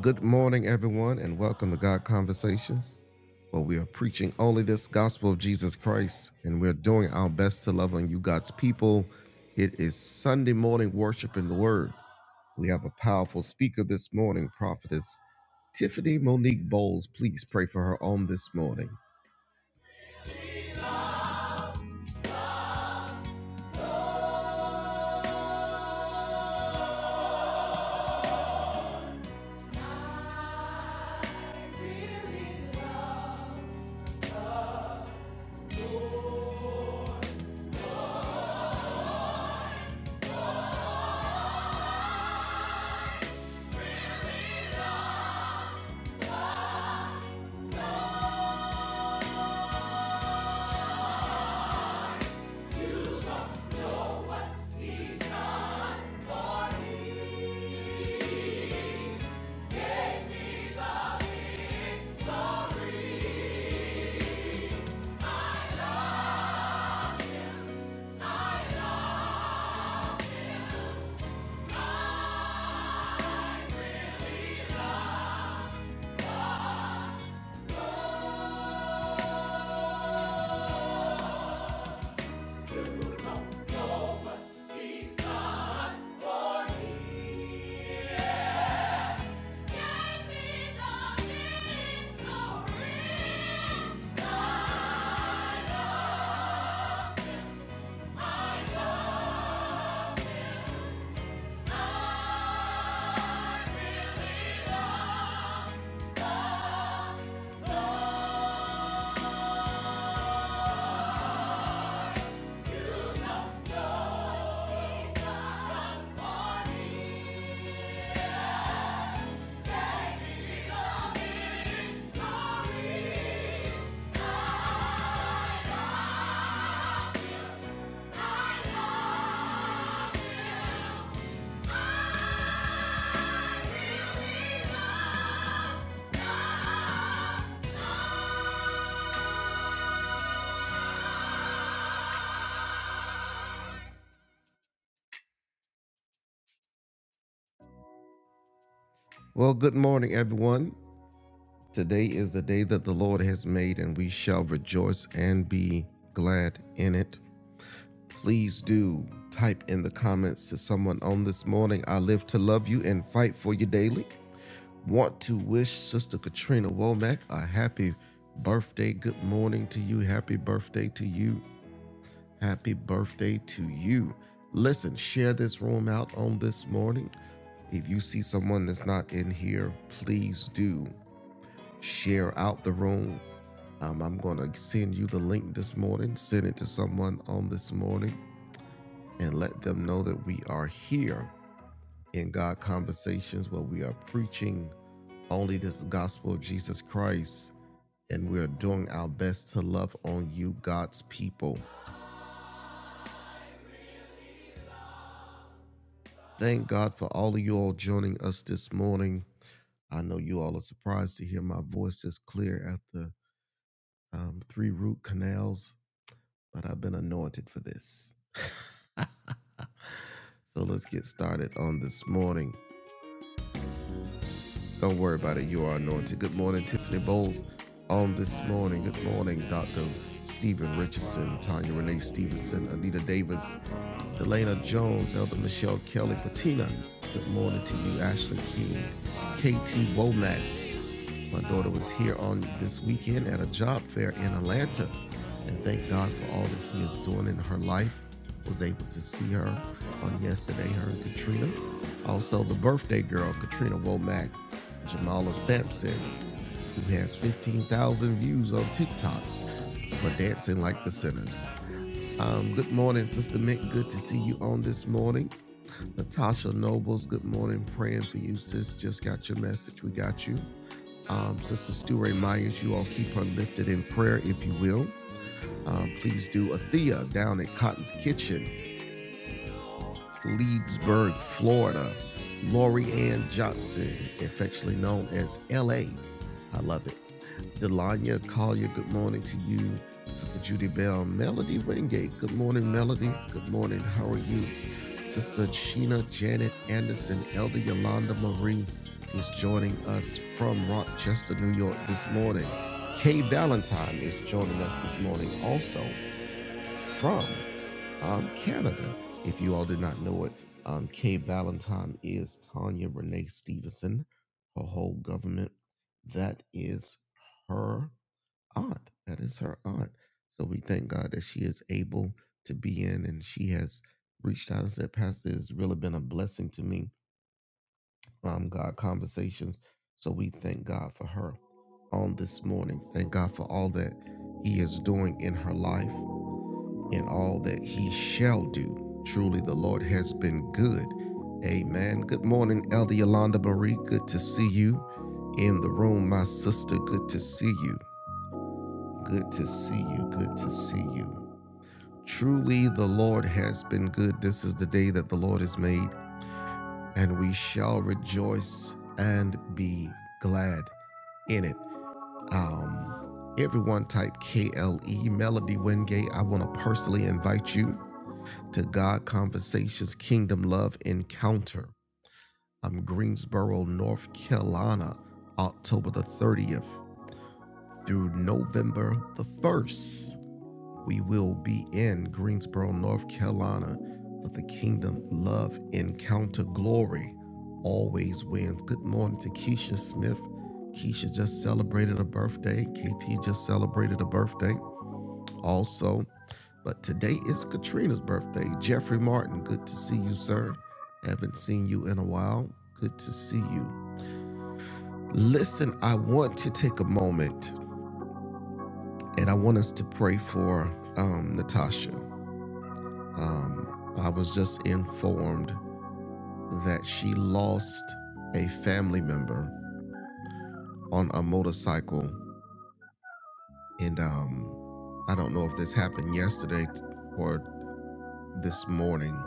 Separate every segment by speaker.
Speaker 1: Good morning, everyone, and welcome to God Conversations, where we are preaching only this gospel of Jesus Christ, and we're doing our best to love on you, God's people. It is Sunday morning worship in the Word. We have a powerful speaker this morning, prophetess Tiffany Monique Bowles. Please pray for her on this morning. Well, good morning, everyone. Today is the day that the Lord has made, and we shall rejoice and be glad in it. please do type in the comments to someone on this morning. I live to love you and fight for you daily. Want to wish Sister Katrina Womack a happy birthday. Good morning to you. Happy birthday to you. Happy birthday to you. Listen, share this room out on this morning. If you see someone that's not in here, please do share out the room. Um, I'm going to send you the link this morning, send it to someone on this morning and let them know that we are here in God Conversations where we are preaching only this gospel of Jesus Christ and we are doing our best to love on you, God's people. Thank God for all of you all joining us this morning. I know you all are surprised to hear my voice is clear after um, three root canals, but I've been anointed for this. So let's get started on this morning. Don't worry about it. You are anointed. Good morning, Tiffany Bowles. On this morning, good morning, Dr. Stephen Richardson, Tanya Renee Stevenson, Anita Davis, Delana Jones, Elder Michelle Kelly, Patina. Good morning to you, Ashley King, KT Womack. My daughter was here on this weekend at a job fair in Atlanta. And thank God for all that He is doing in her life. Was able to see her on yesterday, her and Katrina. Also, the birthday girl, Katrina Womack, Jamala Sampson, who has 15,000 views on TikTok for Dancing Like the Sinners. Um, good morning, Sister Mick. Good to see you on this morning. Natasha Nobles, good morning. Praying for you, sis. Just got your message. We got you. Um, Sister Stu Ray Myers, you all keep her lifted in prayer, if you will. Um, please do. Athea down at Cotton's Kitchen, Leedsburg, Florida. Lori Ann Johnson, affectionately known as LA. I love it. Delania Collier, good morning to you. Sister Judy Bell, Melody Wingate, good morning, Melody. Good morning, how are you? Sister Sheena Janet Anderson, Elder Yolanda Marie is joining us from Rochester, New York this morning. Kay Valentine is joining us this morning also from um, Canada. If you all did not know it, um, Kay Valentine is Tanya Renee Stevenson, her whole government. That is her aunt. That is her aunt. So we thank God that she is able to be in and she has reached out and said, Pastor, it's really been a blessing to me. Um, God conversations. So we thank God for her on this morning. Thank God for all that He is doing in her life and all that He shall do. Truly, the Lord has been good. Amen. Good morning, Elder Yolanda Marie. Good to see you in the room, my sister. Good to see you. Good to see you. Good to see you. Truly, the Lord has been good. This is the day that the Lord has made, and we shall rejoice and be glad in it. Um, everyone type KLE Melody Wingate. I want to personally invite you to God Conversations Kingdom Love Encounter. I'm Greensboro, North Carolina, October the 30th through November the 1st. We will be in Greensboro, North Carolina for the Kingdom Love Encounter Glory always wins. Good morning to Keisha Smith. Keisha just celebrated a birthday. KT just celebrated a birthday also. But today is Katrina's birthday. Jeffrey Martin, good to see you, sir. Haven't seen you in a while. Good to see you. Listen, I want to take a moment and I want us to pray for um, Natasha. Um, I was just informed that she lost a family member on a motorcycle, and um, I don't know if this happened yesterday or this morning,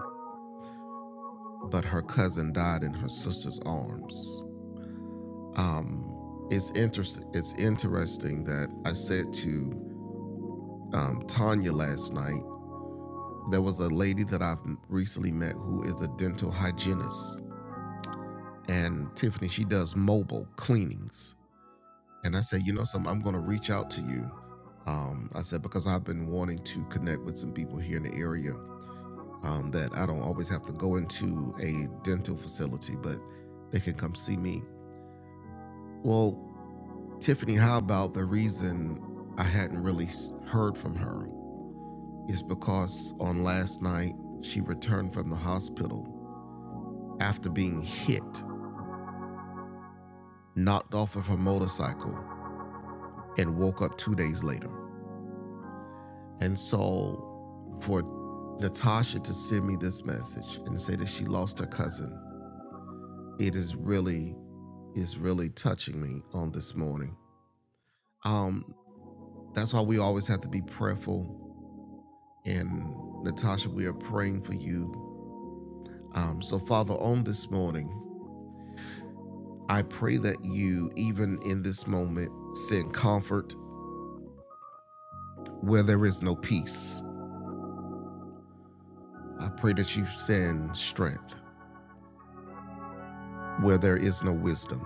Speaker 1: but her cousin died in her sister's arms. Um, it's interesting. It's interesting that I said to um, Tanya last night. There was a lady that I've recently met who is a dental hygienist, and Tiffany she does mobile cleanings And I said, you know something, I'm going to reach out to you. Um, I said, because I've been wanting to connect with some people here in the area um, that I don't always have to go into a dental facility, but they can come see me. Well, Tiffany, how about the reason I hadn't really heard from her is because on last night, she returned from the hospital after being hit, knocked off of her motorcycle, and woke up two days later. And so for Natasha to send me this message and say that she lost her cousin, it is really is really touching me on this morning. Um, that's why we always have to be prayerful. And Natasha, we are praying for you. Um, so Father, on this morning, I pray that you, even in this moment, send comfort where there is no peace. I pray that you send strength where there is no wisdom.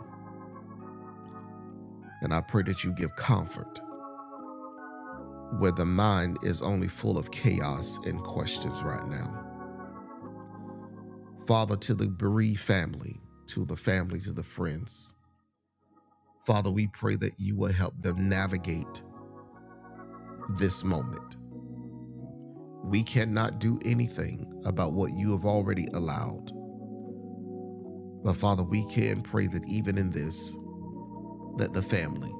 Speaker 1: And I pray that you give comfort where the mind is only full of chaos and questions right now. Father, to the bereaved family, to the family, to the friends, Father, we pray that you will help them navigate this moment. We cannot do anything about what you have already allowed. But Father, we can pray that even in this, that the family,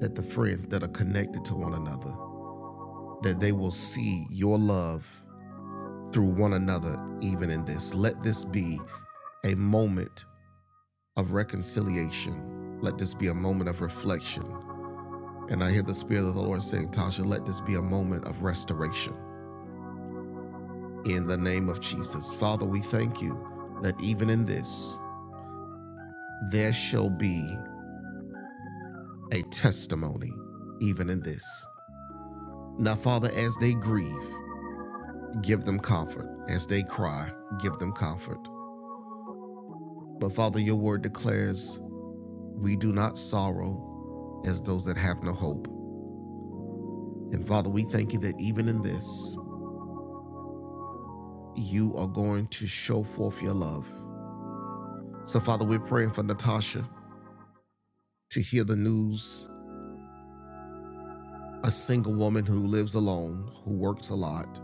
Speaker 1: that the friends that are connected to one another, that they will see your love through one another even in this. Let this be a moment of reconciliation. Let this be a moment of reflection. And I hear the Spirit of the Lord saying, Tasha, let this be a moment of restoration. In the name of Jesus. Father, we thank you that even in this, there shall be a testimony, even in this. Now, Father, as they grieve, give them comfort. As they cry, give them comfort. But Father, your word declares, we do not sorrow as those that have no hope. And Father, we thank you that even in this, you are going to show forth your love. So, Father, we're praying for Natasha to hear the news a single woman who lives alone, who works a lot.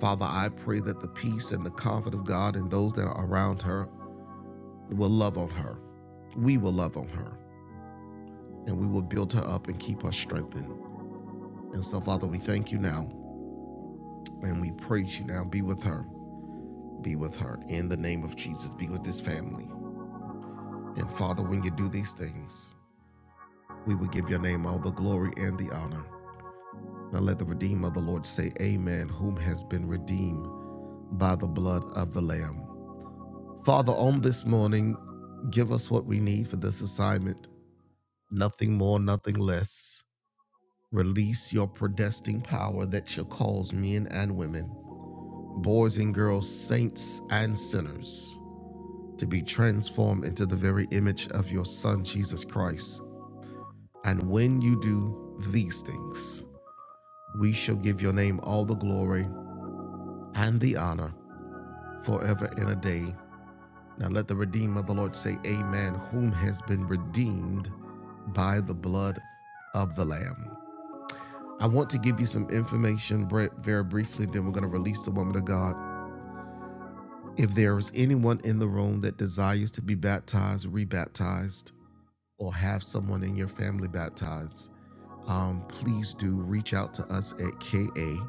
Speaker 1: Father, I pray that the peace and the comfort of God and those that are around her will love on her. We will love on her and we will build her up and keep her strengthened. And so, Father, we thank you now and we praise you now. Be with her. Be with her in the name of Jesus. Be with this family. And Father, when you do these things, we will give your name all the glory and the honor. Now let the Redeemer of the Lord say, Amen, whom has been redeemed by the blood of the Lamb. Father, on this morning, give us what we need for this assignment. Nothing more, nothing less. Release your predestined power that shall cause men and women, boys and girls, saints and sinners, to be transformed into the very image of your Son, Jesus Christ. And when you do these things, We shall give your name all the glory and the honor forever and a day. Now let the redeemer of the Lord say, Amen, whom has been redeemed by the blood of the Lamb. I want to give you some information, very briefly, then we're going to release the woman of God. If there is anyone in the room that desires to be baptized, rebaptized, or have someone in your family baptized, um, please do reach out to us at KA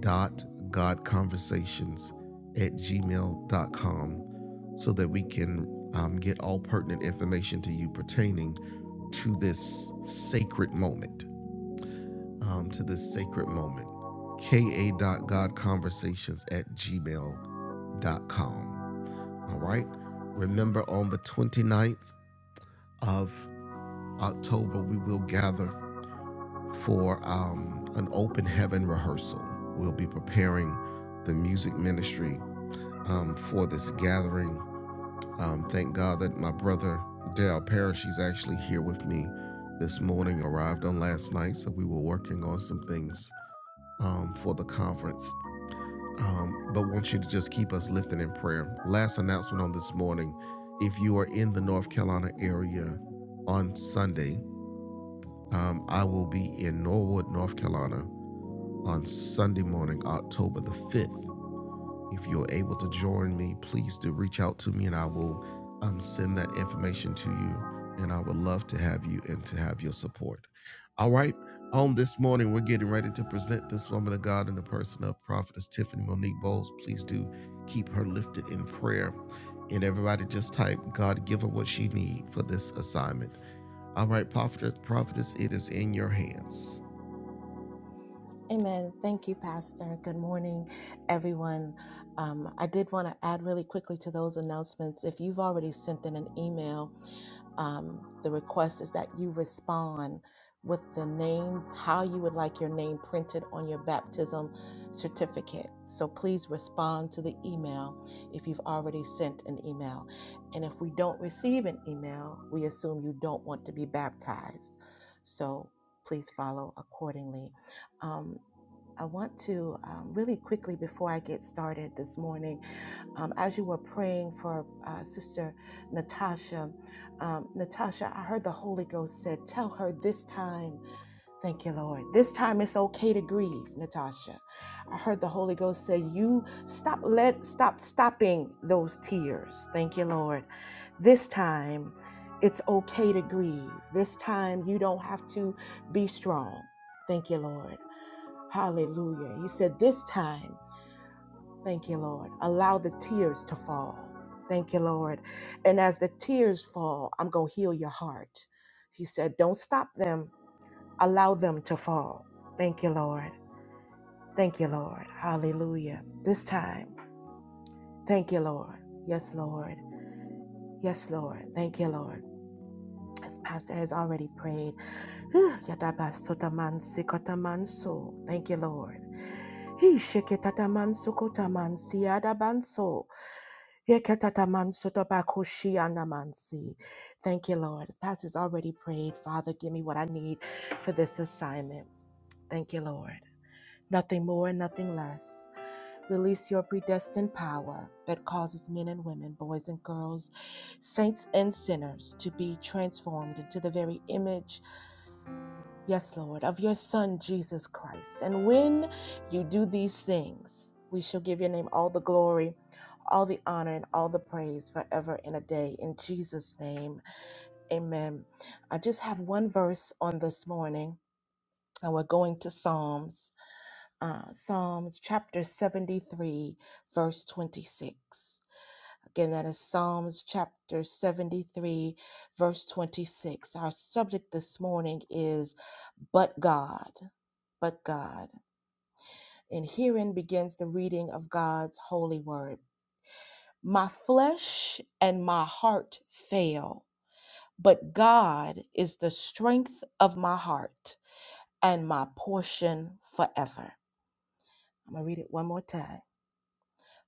Speaker 1: dot god conversations at gmail dot com so that we can um, get all pertinent information to you pertaining to this sacred moment. Um, to this sacred moment. ka dot god conversations at gmail dot com. All right. Remember, on the twenty ninth of October, we will gather for um, an open heaven rehearsal. We'll be preparing the music ministry um, for this gathering. Um, thank God that my brother Dale Parrish, he's actually here with me this morning, arrived on last night, so we were working on some things um, for the conference. Um, but want you to just keep us lifted in prayer. Last announcement on this morning if you are in the North Carolina area on Sunday, um, I will be in Norwood, North Carolina on Sunday morning, October the 5th. If you're able to join me, please do reach out to me and I will um, send that information to you. And I would love to have you and to have your support. All right. On this morning, we're getting ready to present this woman of God in the person of Prophetess Tiffany Monique Bowles. Please do keep her lifted in prayer. And everybody just type, God, give her what she needs for this assignment. All right, prophetess, prophetess, it is in your hands.
Speaker 2: Amen. Thank you, Pastor. Good morning, everyone. Um, I did want to add really quickly to those announcements. If you've already sent in an email, um, the request is that you respond with the name, how you would like your name printed on your baptism certificate. So please respond to the email if you've already sent an email. And if we don't receive an email, we assume you don't want to be baptized. So please follow accordingly. Um, I want to um, really quickly before I get started this morning, um, as you were praying for uh, Sister Natasha, um, Natasha, I heard the Holy Ghost said, Tell her this time, thank you, Lord, this time it's okay to grieve, Natasha. I heard the Holy Ghost say, You stop, let, stop stopping those tears, thank you, Lord. This time it's okay to grieve. This time you don't have to be strong, thank you, Lord. Hallelujah. He said, This time, thank you, Lord, allow the tears to fall. Thank you, Lord. And as the tears fall, I'm going to heal your heart. He said, Don't stop them, allow them to fall. Thank you, Lord. Thank you, Lord. Hallelujah. This time, thank you, Lord. Yes, Lord. Yes, Lord. Thank you, Lord. As Pastor has already prayed, Yadabasotamansikatamanso. thank you, Lord. He sheketatamansukotamansiadabanso. Yekatatamansotobakushianamansi. Thank you, Lord. The pastor's already prayed. Father, give me what I need for this assignment. Thank you, Lord. Nothing more and nothing less. Release your predestined power that causes men and women, boys and girls, saints and sinners to be transformed into the very image Yes, Lord, of your Son, Jesus Christ. And when you do these things, we shall give your name all the glory, all the honor, and all the praise forever and a day. In Jesus' name, amen. I just have one verse on this morning, and we're going to Psalms, uh, Psalms chapter 73, verse 26. Again, that is Psalms chapter 73, verse 26. Our subject this morning is But God, but God. And herein begins the reading of God's holy word. My flesh and my heart fail, but God is the strength of my heart and my portion forever. I'm going to read it one more time.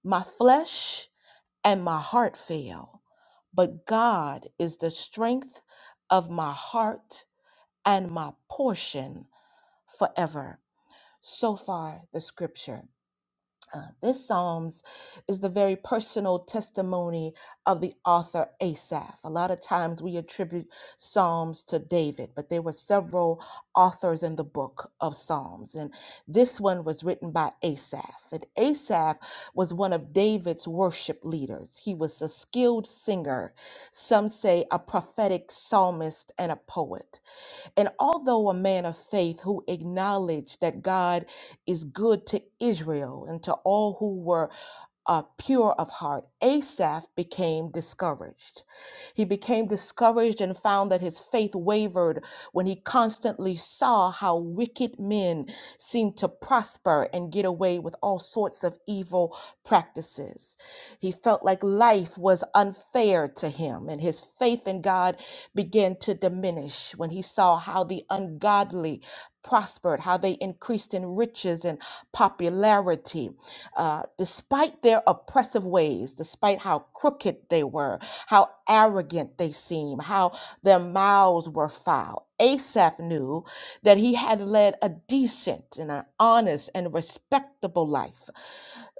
Speaker 2: My flesh and my heart fail. But God is the strength of my heart and my portion forever. So far, the scripture. Uh, this Psalms is the very personal testimony of the author Asaph. A lot of times we attribute Psalms to David, but there were several authors in the book of Psalms. And this one was written by Asaph. And Asaph was one of David's worship leaders. He was a skilled singer, some say a prophetic psalmist and a poet. And although a man of faith who acknowledged that God is good to Israel and to all who were uh, pure of heart, Asaph became discouraged. He became discouraged and found that his faith wavered when he constantly saw how wicked men seemed to prosper and get away with all sorts of evil practices. He felt like life was unfair to him, and his faith in God began to diminish when he saw how the ungodly prospered, how they increased in riches and popularity uh, despite their oppressive ways, despite how crooked they were, how arrogant they seemed, how their mouths were foul. Asaph knew that he had led a decent and an honest and respectable life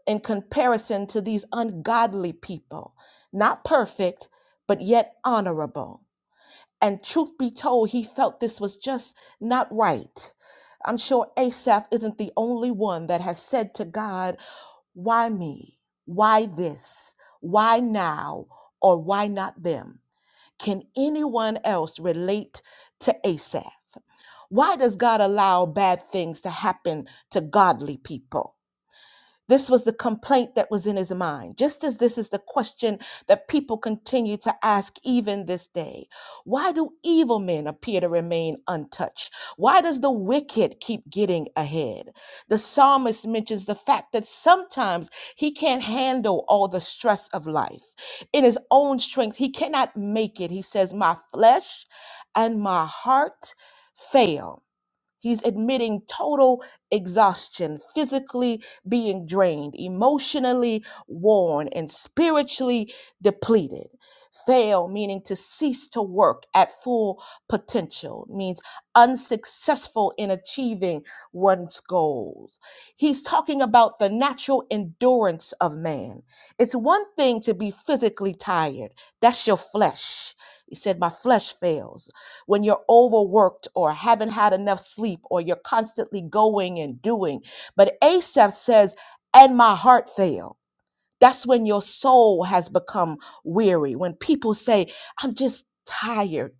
Speaker 2: in comparison to these ungodly people. Not perfect, but yet honorable. And truth be told, he felt this was just not right. I'm sure Asaph isn't the only one that has said to God, why me? Why this? Why now? Or why not them? Can anyone else relate to Asaph? Why does God allow bad things to happen to godly people? This was the complaint that was in his mind, just as this is the question that people continue to ask even this day. Why do evil men appear to remain untouched? Why does the wicked keep getting ahead? The psalmist mentions the fact that sometimes he can't handle all the stress of life. In his own strength, he cannot make it. He says, My flesh and my heart fail He's admitting total exhaustion, physically being drained, emotionally worn, and spiritually depleted. Fail, meaning to cease to work at full potential, means unsuccessful in achieving one's goals. He's talking about the natural endurance of man. It's one thing to be physically tired, that's your flesh. He said, My flesh fails when you're overworked or haven't had enough sleep or you're constantly going and doing. But Asaph says, and my heart failed. That's when your soul has become weary. When people say, I'm just tired.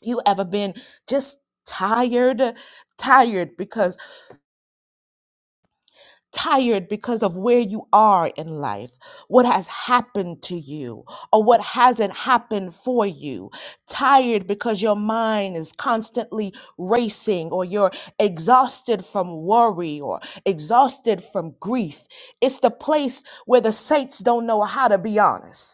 Speaker 2: You ever been just tired? Tired because tired because of where you are in life, what has happened to you, or what hasn't happened for you. Tired because your mind is constantly racing, or you're exhausted from worry, or exhausted from grief. It's the place where the saints don't know how to be honest.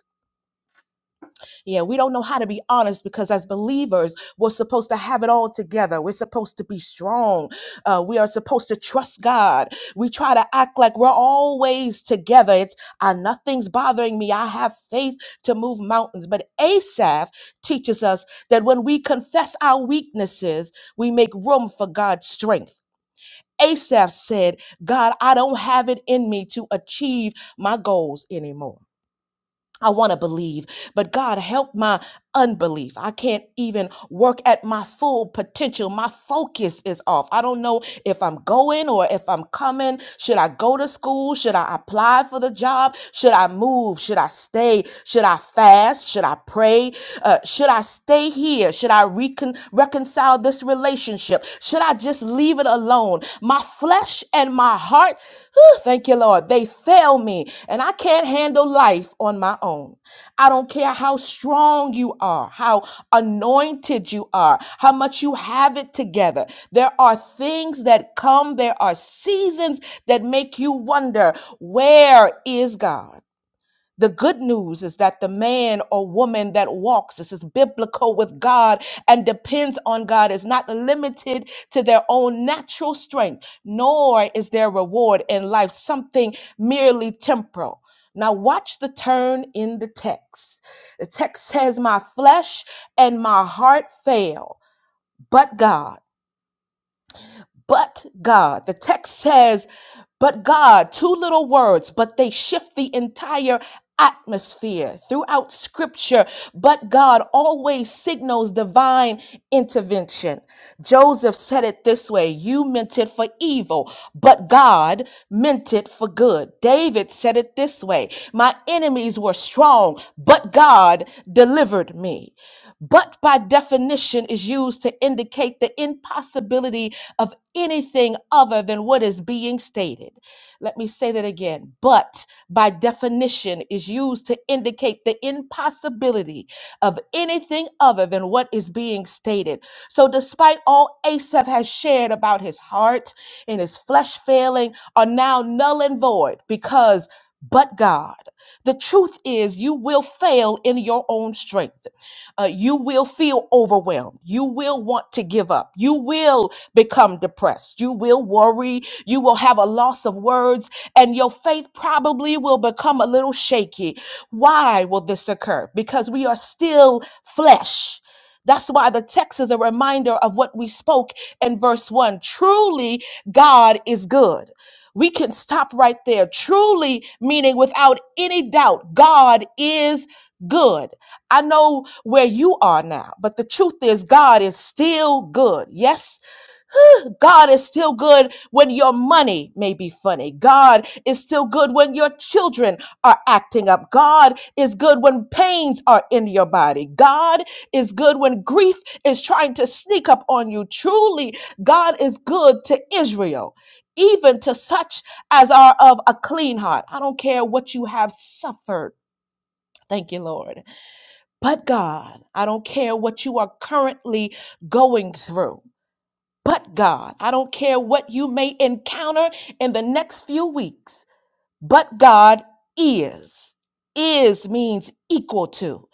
Speaker 2: Yeah, we don't know how to be honest because as believers, we're supposed to have it all together. We're supposed to be strong. Uh, we are supposed to trust God. We try to act like we're always together. It's uh, nothing's bothering me. I have faith to move mountains. But Asaph teaches us that when we confess our weaknesses, we make room for God's strength. Asaph said, God, I don't have it in me to achieve my goals anymore. I want to believe, but God, help my unbelief. I can't even work at my full potential. My focus is off. I don't know if I'm going or if I'm coming. Should I go to school? Should I apply for the job? Should I move? Should I stay? Should I fast? Should I pray? Uh, should I stay here? Should I recon- reconcile this relationship? Should I just leave it alone? My flesh and my heart, whew, thank you, Lord, they fail me, and I can't handle life on my own. I don't care how strong you are, how anointed you are, how much you have it together. There are things that come, there are seasons that make you wonder, where is God? The good news is that the man or woman that walks, this is biblical with God and depends on God, is not limited to their own natural strength, nor is their reward in life something merely temporal. Now, watch the turn in the text. The text says, My flesh and my heart fail, but God. But God, the text says, but God, two little words, but they shift the entire atmosphere throughout scripture. But God always signals divine intervention. Joseph said it this way You meant it for evil, but God meant it for good. David said it this way My enemies were strong, but God delivered me. But by definition is used to indicate the impossibility of anything other than what is being stated. Let me say that again. But but by definition is used to indicate the impossibility of anything other than what is being stated. So, despite all Asaph has shared about his heart and his flesh failing, are now null and void because but God. The truth is, you will fail in your own strength. Uh, you will feel overwhelmed. You will want to give up. You will become depressed. You will worry. You will have a loss of words, and your faith probably will become a little shaky. Why will this occur? Because we are still flesh. That's why the text is a reminder of what we spoke in verse 1. Truly, God is good. We can stop right there. Truly, meaning without any doubt, God is good. I know where you are now, but the truth is, God is still good. Yes, God is still good when your money may be funny. God is still good when your children are acting up. God is good when pains are in your body. God is good when grief is trying to sneak up on you. Truly, God is good to Israel. Even to such as are of a clean heart. I don't care what you have suffered. Thank you, Lord. But God, I don't care what you are currently going through but God. I don't care what you may encounter in the next few weeks, but God is. Is means equal to.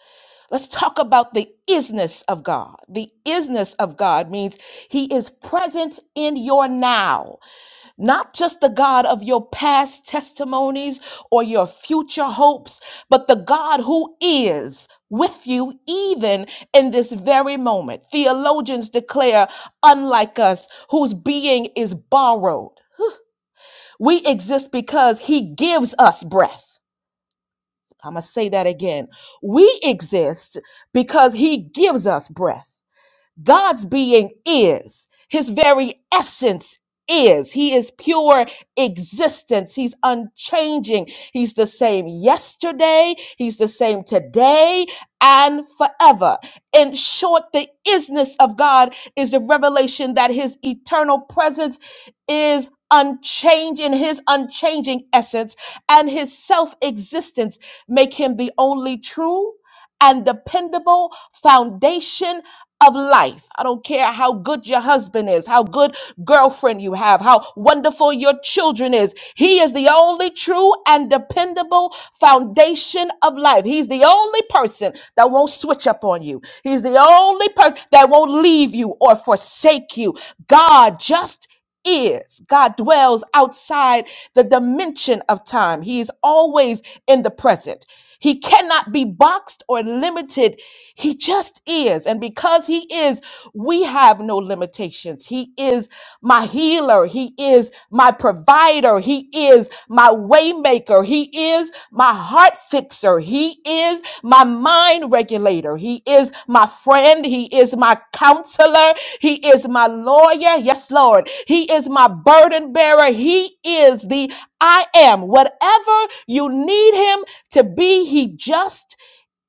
Speaker 2: Let's talk about the isness of God. The isness of God means He is present in your now. Not just the God of your past testimonies or your future hopes, but the God who is with you even in this very moment. Theologians declare, unlike us, whose being is borrowed. We exist because he gives us breath. I'm going to say that again. We exist because he gives us breath. God's being is, his very essence is. He is pure existence. He's unchanging. He's the same yesterday, he's the same today and forever. In short, the isness of God is the revelation that his eternal presence is unchanging his unchanging essence and his self-existence make him the only true and dependable foundation of life. I don't care how good your husband is, how good girlfriend you have, how wonderful your children is. He is the only true and dependable foundation of life. He's the only person that won't switch up on you. He's the only person that won't leave you or forsake you. God just is. God dwells outside the dimension of time. He is always in the present. He cannot be boxed or limited. He just is. And because He is, we have no limitations. He is my healer. He is my provider. He is my waymaker. He is my heart fixer. He is my mind regulator. He is my friend. He is my counselor. He is my lawyer. Yes, Lord. He is my burden bearer. He is the I am. Whatever you need him to be, he just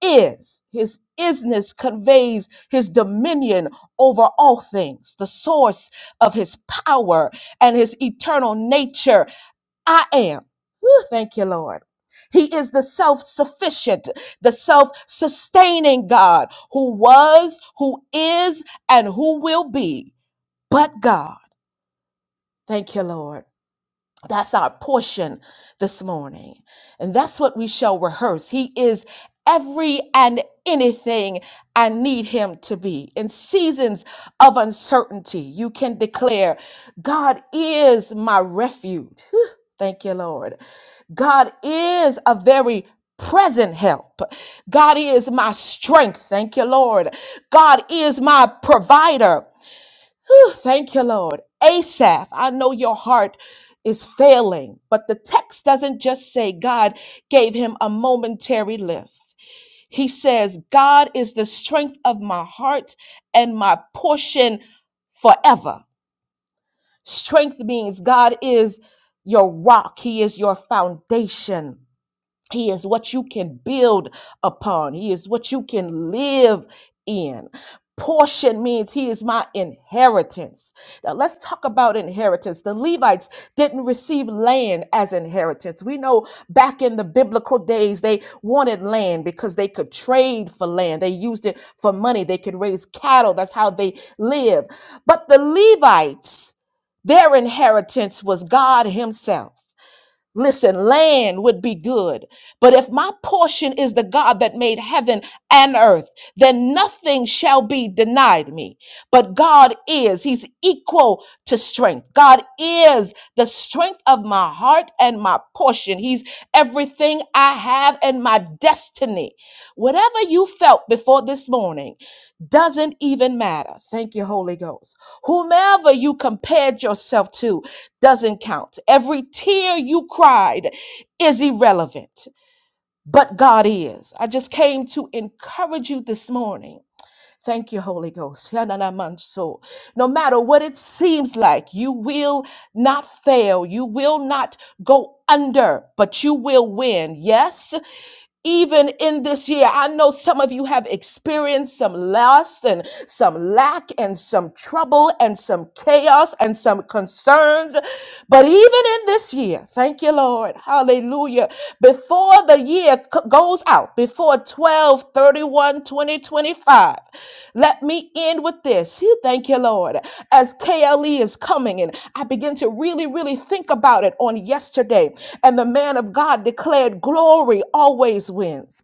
Speaker 2: is. His isness conveys his dominion over all things, the source of his power and his eternal nature. I am. Whew, thank you, Lord. He is the self sufficient, the self sustaining God who was, who is, and who will be, but God. Thank you, Lord. That's our portion this morning. And that's what we shall rehearse. He is every and anything I need him to be. In seasons of uncertainty, you can declare, God is my refuge. Whew, Thank you, Lord. God is a very present help. God is my strength. Thank you, Lord. God is my provider. Whew, Thank you, Lord. Asaph, I know your heart is failing, but the text doesn't just say God gave him a momentary lift. He says, God is the strength of my heart and my portion forever. Strength means God is your rock, He is your foundation. He is what you can build upon. He is what you can live in. Portion means he is my inheritance. Now let's talk about inheritance. The Levites didn't receive land as inheritance. We know back in the biblical days they wanted land because they could trade for land. They used it for money. They could raise cattle. That's how they lived. But the Levites, their inheritance was God himself. Listen, land would be good. But if my portion is the God that made heaven and earth, then nothing shall be denied me. But God is, He's equal to strength. God is the strength of my heart and my portion. He's everything I have and my destiny. Whatever you felt before this morning doesn't even matter. Thank you, Holy Ghost. Whomever you compared yourself to, doesn't count. Every tear you cried is irrelevant, but God is. I just came to encourage you this morning Thank you, Holy Ghost. Yananamanso. No matter what it seems like, you will not fail. You will not go under, but you will win. Yes, even in this year. I know some of you have experienced some loss and some lack and some trouble and some chaos and some concerns. But even in this year, thank you, Lord. Hallelujah. Before the year c- goes out before 12 31 2025. let me end with this He- thank you lord as kle is coming and i begin to really really think about it on yesterday and the man of god declared glory always wins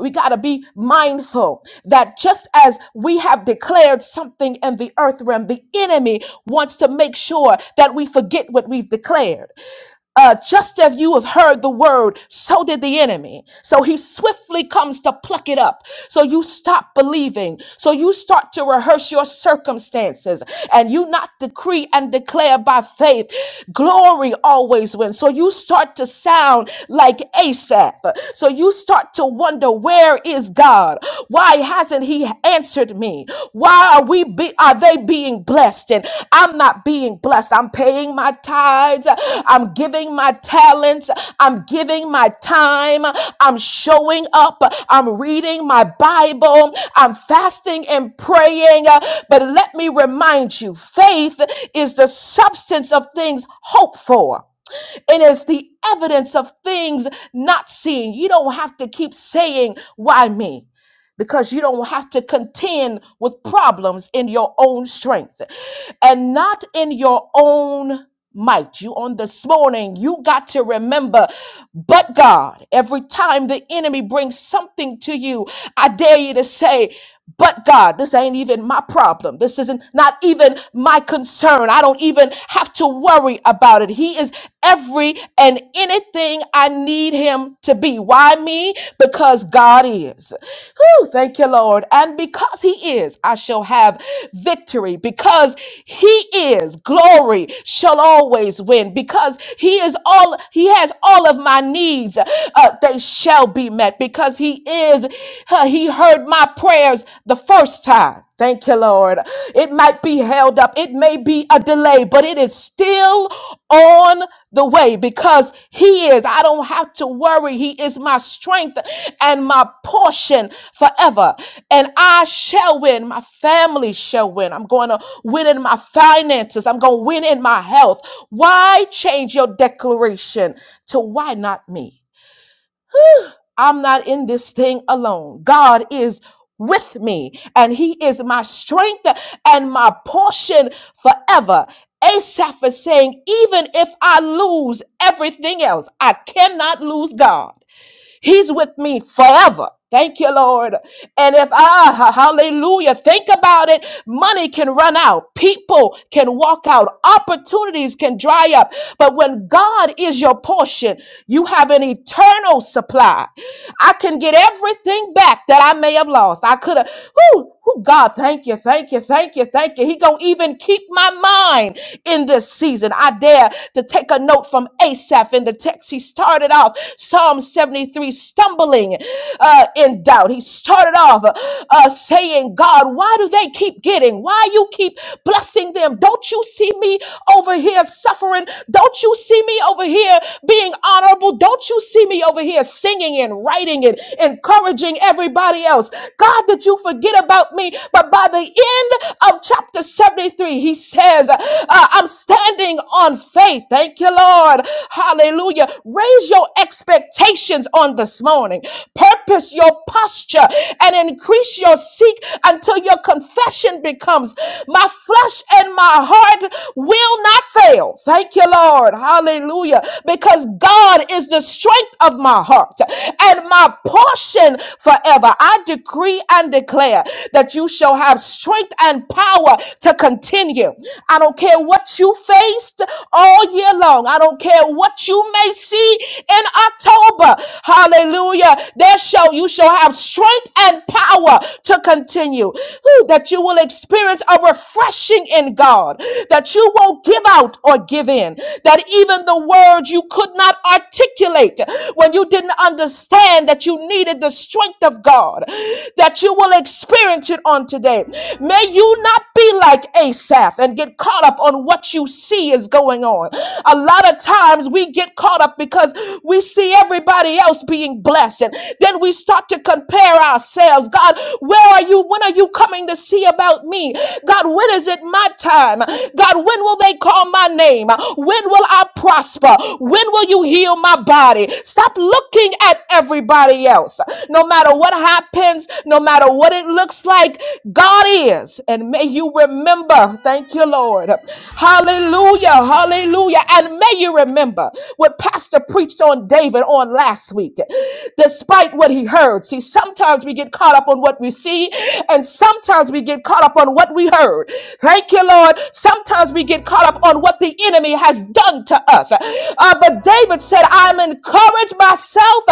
Speaker 2: we got to be mindful that just as we have declared something in the earth realm the enemy wants to make sure that we forget what we've declared uh, just as you have heard the word, so did the enemy. So he swiftly comes to pluck it up. So you stop believing. So you start to rehearse your circumstances and you not decree and declare by faith. Glory always wins. So you start to sound like Asaph. So you start to wonder, where is God? Why hasn't he answered me? Why are we be are they being blessed and I'm not being blessed? I'm paying my tithes, I'm giving my talents, I'm giving my time, I'm showing up, I'm reading my Bible, I'm fasting and praying. But let me remind you, faith is the substance of things hoped for and it's the evidence of things not seen. You don't have to keep saying, Why me? because you don't have to contend with problems in your own strength and not in your own might. You on this morning, you got to remember, but God, every time the enemy brings something to you, I dare you to say, but God, this ain't even my problem. This isn't not even my concern. I don't even have to worry about it. He is every and anything I need him to be. Why me? Because God is. Whew, thank you, Lord. And because he is, I shall have victory. Because he is, glory shall always win. Because he is all, he has all of my needs. Uh, they shall be met met because he is, uh, he heard my prayers the first time. Thank you, Lord. It might be held up. It may be a delay, but it is still on the way because He is. I don't have to worry. He is my strength and my portion forever. And I shall win. My family shall win. I'm going to win in my finances. I'm going to win in my health. Why change your declaration to why not me? I'm not in this thing alone. God is with me, and He is my strength and my portion forever. Asaph is saying, even if I lose everything else, I cannot lose God. He's with me forever. Thank you, Lord. And if I, hallelujah, think about it, money can run out, people can walk out, opportunities can dry up. But when God is your portion, you have an eternal supply. I can get everything back that I may have lost. I could have. whoo. Who God, thank you, thank you, thank you, thank you. He gonna even keep my mind in this season. I dare to take a note from Asaph in the text. He started off Psalm 73, stumbling uh, in doubt. He started off uh, saying, God, why do they keep getting? Why you keep blessing them? Don't you see me over here suffering? Don't you see me over here being honorable? Don't you see me over here singing and writing and encouraging everyone? everybody else. God, that you forget about me. But by the end of chapter 73, he says, uh, I'm standing on faith. Thank you, Lord. Hallelujah. Raise your expectations on this morning. Purpose your posture and increase your seek until your confession becomes my flesh and my heart will not fail. Thank you, Lord. Hallelujah. Because God is the strength of my heart and my portion forever. I decree and declare that you shall have strength and power to continue. I don't care what you faced all year long. I don't care what you may see in October. Hallelujah. There shall you shall have strength and power to continue. Whew, that you will experience a refreshing in God. That you won't give out or give in. That even the words you could not not articulate, when you didn't understand that you needed the strength of God, that you will experience it on today. May you not be like Asaph and get caught up on what you see is going on. A lot of times we get caught up because we see everybody else being blessed, and then we start to compare ourselves. God, where are you? When are you coming to see about me? God, when is it my time? God, when will they call my name? When will I prosper? When will you heal my body? Stop looking at everybody else. No matter what happens, no matter what it looks like, God is. And may you remember, thank you, Lord. Hallelujah, hallelujah. And may you remember what Pastor preached on David on last week. Despite what he heard, see, sometimes we get caught up on what we see, and sometimes we get caught up on what we heard. Thank you, Lord. Sometimes we get caught up on what the enemy has done to us. Uh, but David said, I'm encouraged myself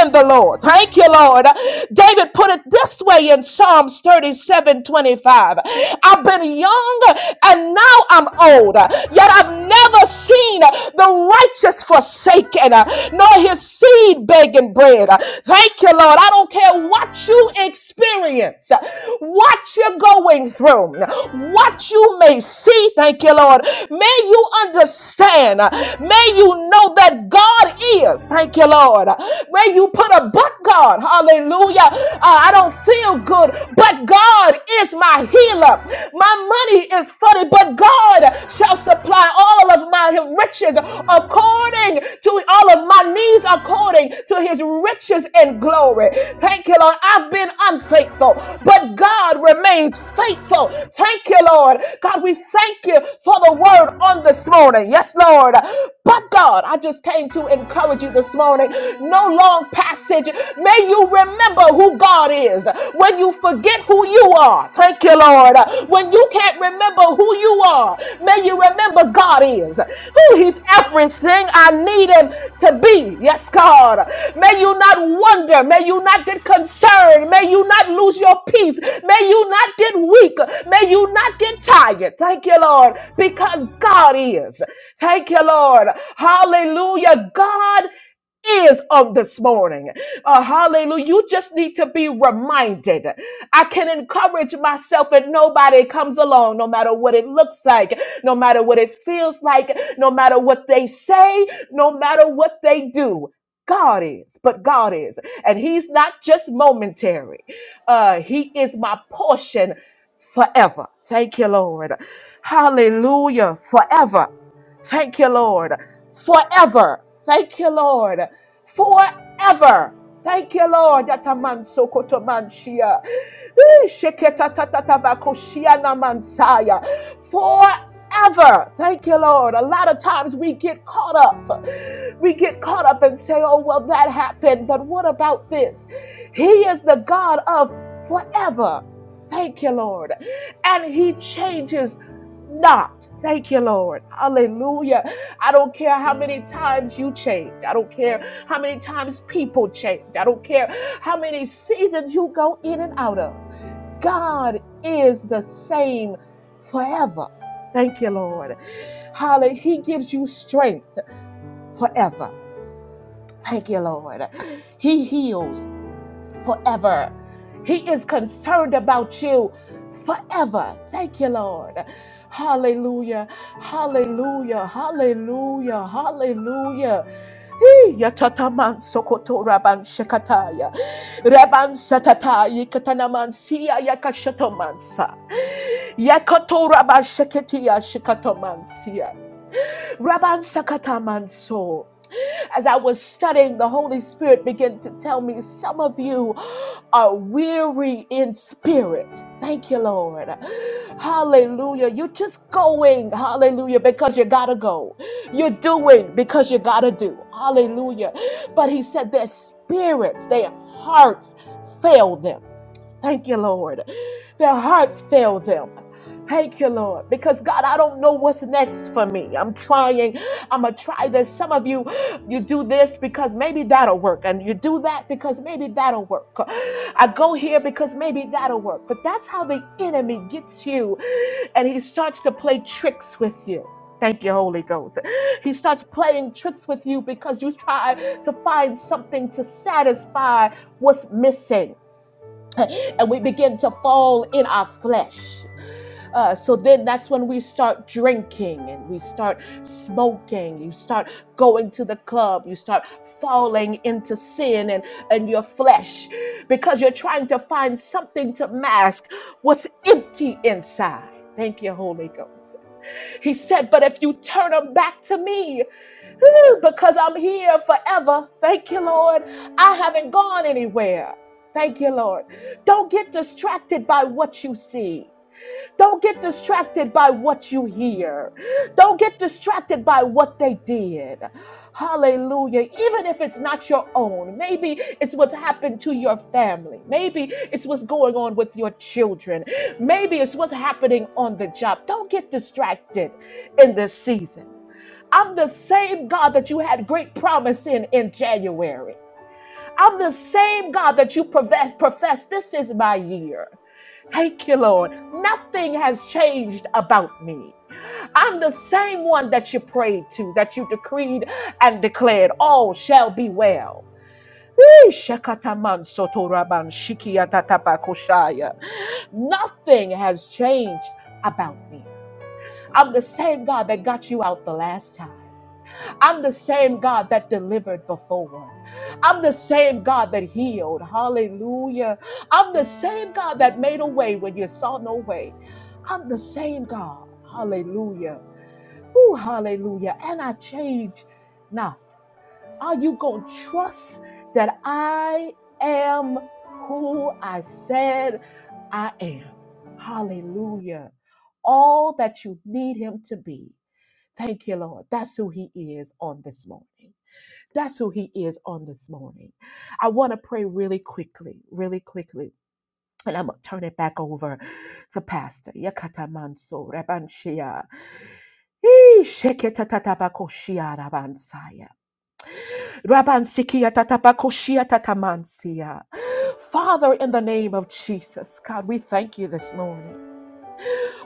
Speaker 2: in the Lord. Thank you, Lord. David put it this way in Psalms thirty-seven twenty-five. I've been young and now I'm old, yet I've never seen the righteous forsaken, nor his seed begging bread. Thank you, Lord. I don't care what you experience, what you're going going through, what you may see, thank you, Lord, may you understand, may you know that God is, thank you, Lord, may you put a but God, hallelujah. Uh, I don't feel good, but God is my healer. My money is funny, but God shall supply all of my riches according to all of my needs, according to his riches and glory. Thank you, Lord. I've been unfaithful faithful, but God remains faithful. Thank you, Lord. God, we thank you for the word on this morning. Yes, Lord. But God, I just came to encourage you this morning. No long passage. May you remember who God is when you forget who you are. Thank you, Lord. When you can't remember who you are, may you remember God is. Who He's everything I need Him to be. Yes, God. May you not wonder fear. May you not get concerned. May you not lose your peace. May you not get weak. May you not get tired. Thank you, Lord, because God is. Thank you, Lord. Hallelujah. God is of this morning. Uh, hallelujah. You just need to be reminded. I can encourage myself and nobody comes along, no matter what it looks like, no matter what it feels like, no matter what they say, no matter what they do. God is, but God is. And He's not just momentary, uh, He is my portion forever. Thank you, Lord. Hallelujah. Forever. Thank you, Lord. Forever. Thank you, Lord. Forever. Thank you, Lord. Yataman sokotomanshia. Ooh, sheketatatatabakoshia namansaya ever. Thank you, Lord. A lot of times we get caught up. We get caught up and say, oh, well, that happened, but what about this? He is the God of forever. Thank you, Lord. And He changes not. Thank you, Lord. Hallelujah. I don't care how many times you change. I don't care how many times people change. I don't care how many seasons you go in and out of. God is the same forever. Thank you, Lord. Hallelujah. He gives you strength forever. Thank you, Lord. He heals forever. He is concerned about you forever. Thank you, Lord. Hallelujah. Hallelujah. Hallelujah. Hallelujah. Hey, yatataman sokoto raban shekataya. Raban satatayi katanaman siya yakashatomansa. Yakoto Rabba Sheketia Shikatomansia. Rabban Sakatamanso. As I was studying, the Holy Spirit began to tell me some of you are weary in spirit. Thank you, Lord. Hallelujah. You're just going, hallelujah, because you gotta go. You're doing because you gotta do. Hallelujah. But he said their spirits, their hearts fail them. Thank you, Lord. Their hearts fail them. Thank you, Lord. Because God, I don't know what's next for me. I'm trying. I'm going to try this. Some of you, you do this because maybe that'll work. And you do that because maybe that'll work. I go here because maybe that'll work. But that's how the enemy gets you. And he starts to play tricks with you. Thank you, Holy Ghost. He starts playing tricks with you because you try to find something to satisfy what's missing. and we begin to fall in our flesh. Uh, so then that's when we start drinking and we start smoking. You start going to the club. You start falling into sin and, and your flesh because you're trying to find something to mask what's empty inside. Thank you, Holy Ghost. He said, But if you turn them back to me, Whew, because I'm here forever. Thank you, Lord. I haven't gone anywhere. Thank you, Lord. Don't get distracted by what you see. Don't get distracted by what you hear. Don't get distracted by what they did. Hallelujah. Even if it's not your own, maybe it's what's happened to your family. Maybe it's what's going on with your children. Maybe it's what's happening on the job. Don't get distracted in this season. I'm the same God that you had great promise in in January. I'm the same God that you profess, profess this is my year. Thank you, Lord. Nothing has changed about me. I'm the same one that you prayed to, that you decreed and declared, all shall be well. Eh, shakataman sotoraban shikiatatapakoshaya. Nothing has changed about me. I'm the same God that got you out the last time. I'm the same God that delivered before. I'm the same God that healed. Hallelujah. I'm the same God that made a way when you saw no way. I'm the same God. Hallelujah. Ooh, hallelujah. And I change not. Are you going to trust that I am who I said I am? Hallelujah. All that you need him to be. Thank you, Lord. That's who he is on this morning. That's who he is on this morning. I want to pray really quickly, really quickly. And I'm going to turn it back over to Pastor. Yakatamanso Rabanshia. Ee, sheketatabakoshia rabansaya. Rabansikia tatabakoshia tatamansia. Father, in the name of Jesus, God, we thank you this morning.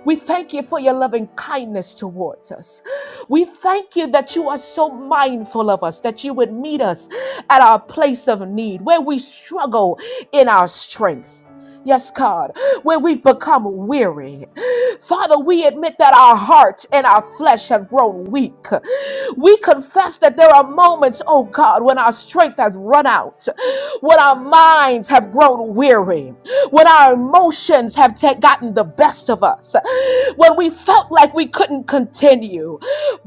Speaker 2: We thank you for your loving kindness towards us. We thank you that you are so mindful of us, that you would meet us at our place of need, where we struggle in our strength. Yes, God, when we've become weary. Father, we admit that our hearts and our flesh have grown weak. We confess that there are moments, oh God, when our strength has run out, when our minds have grown weary, when our emotions have ta- gotten the best of us, when we felt like we couldn't continue.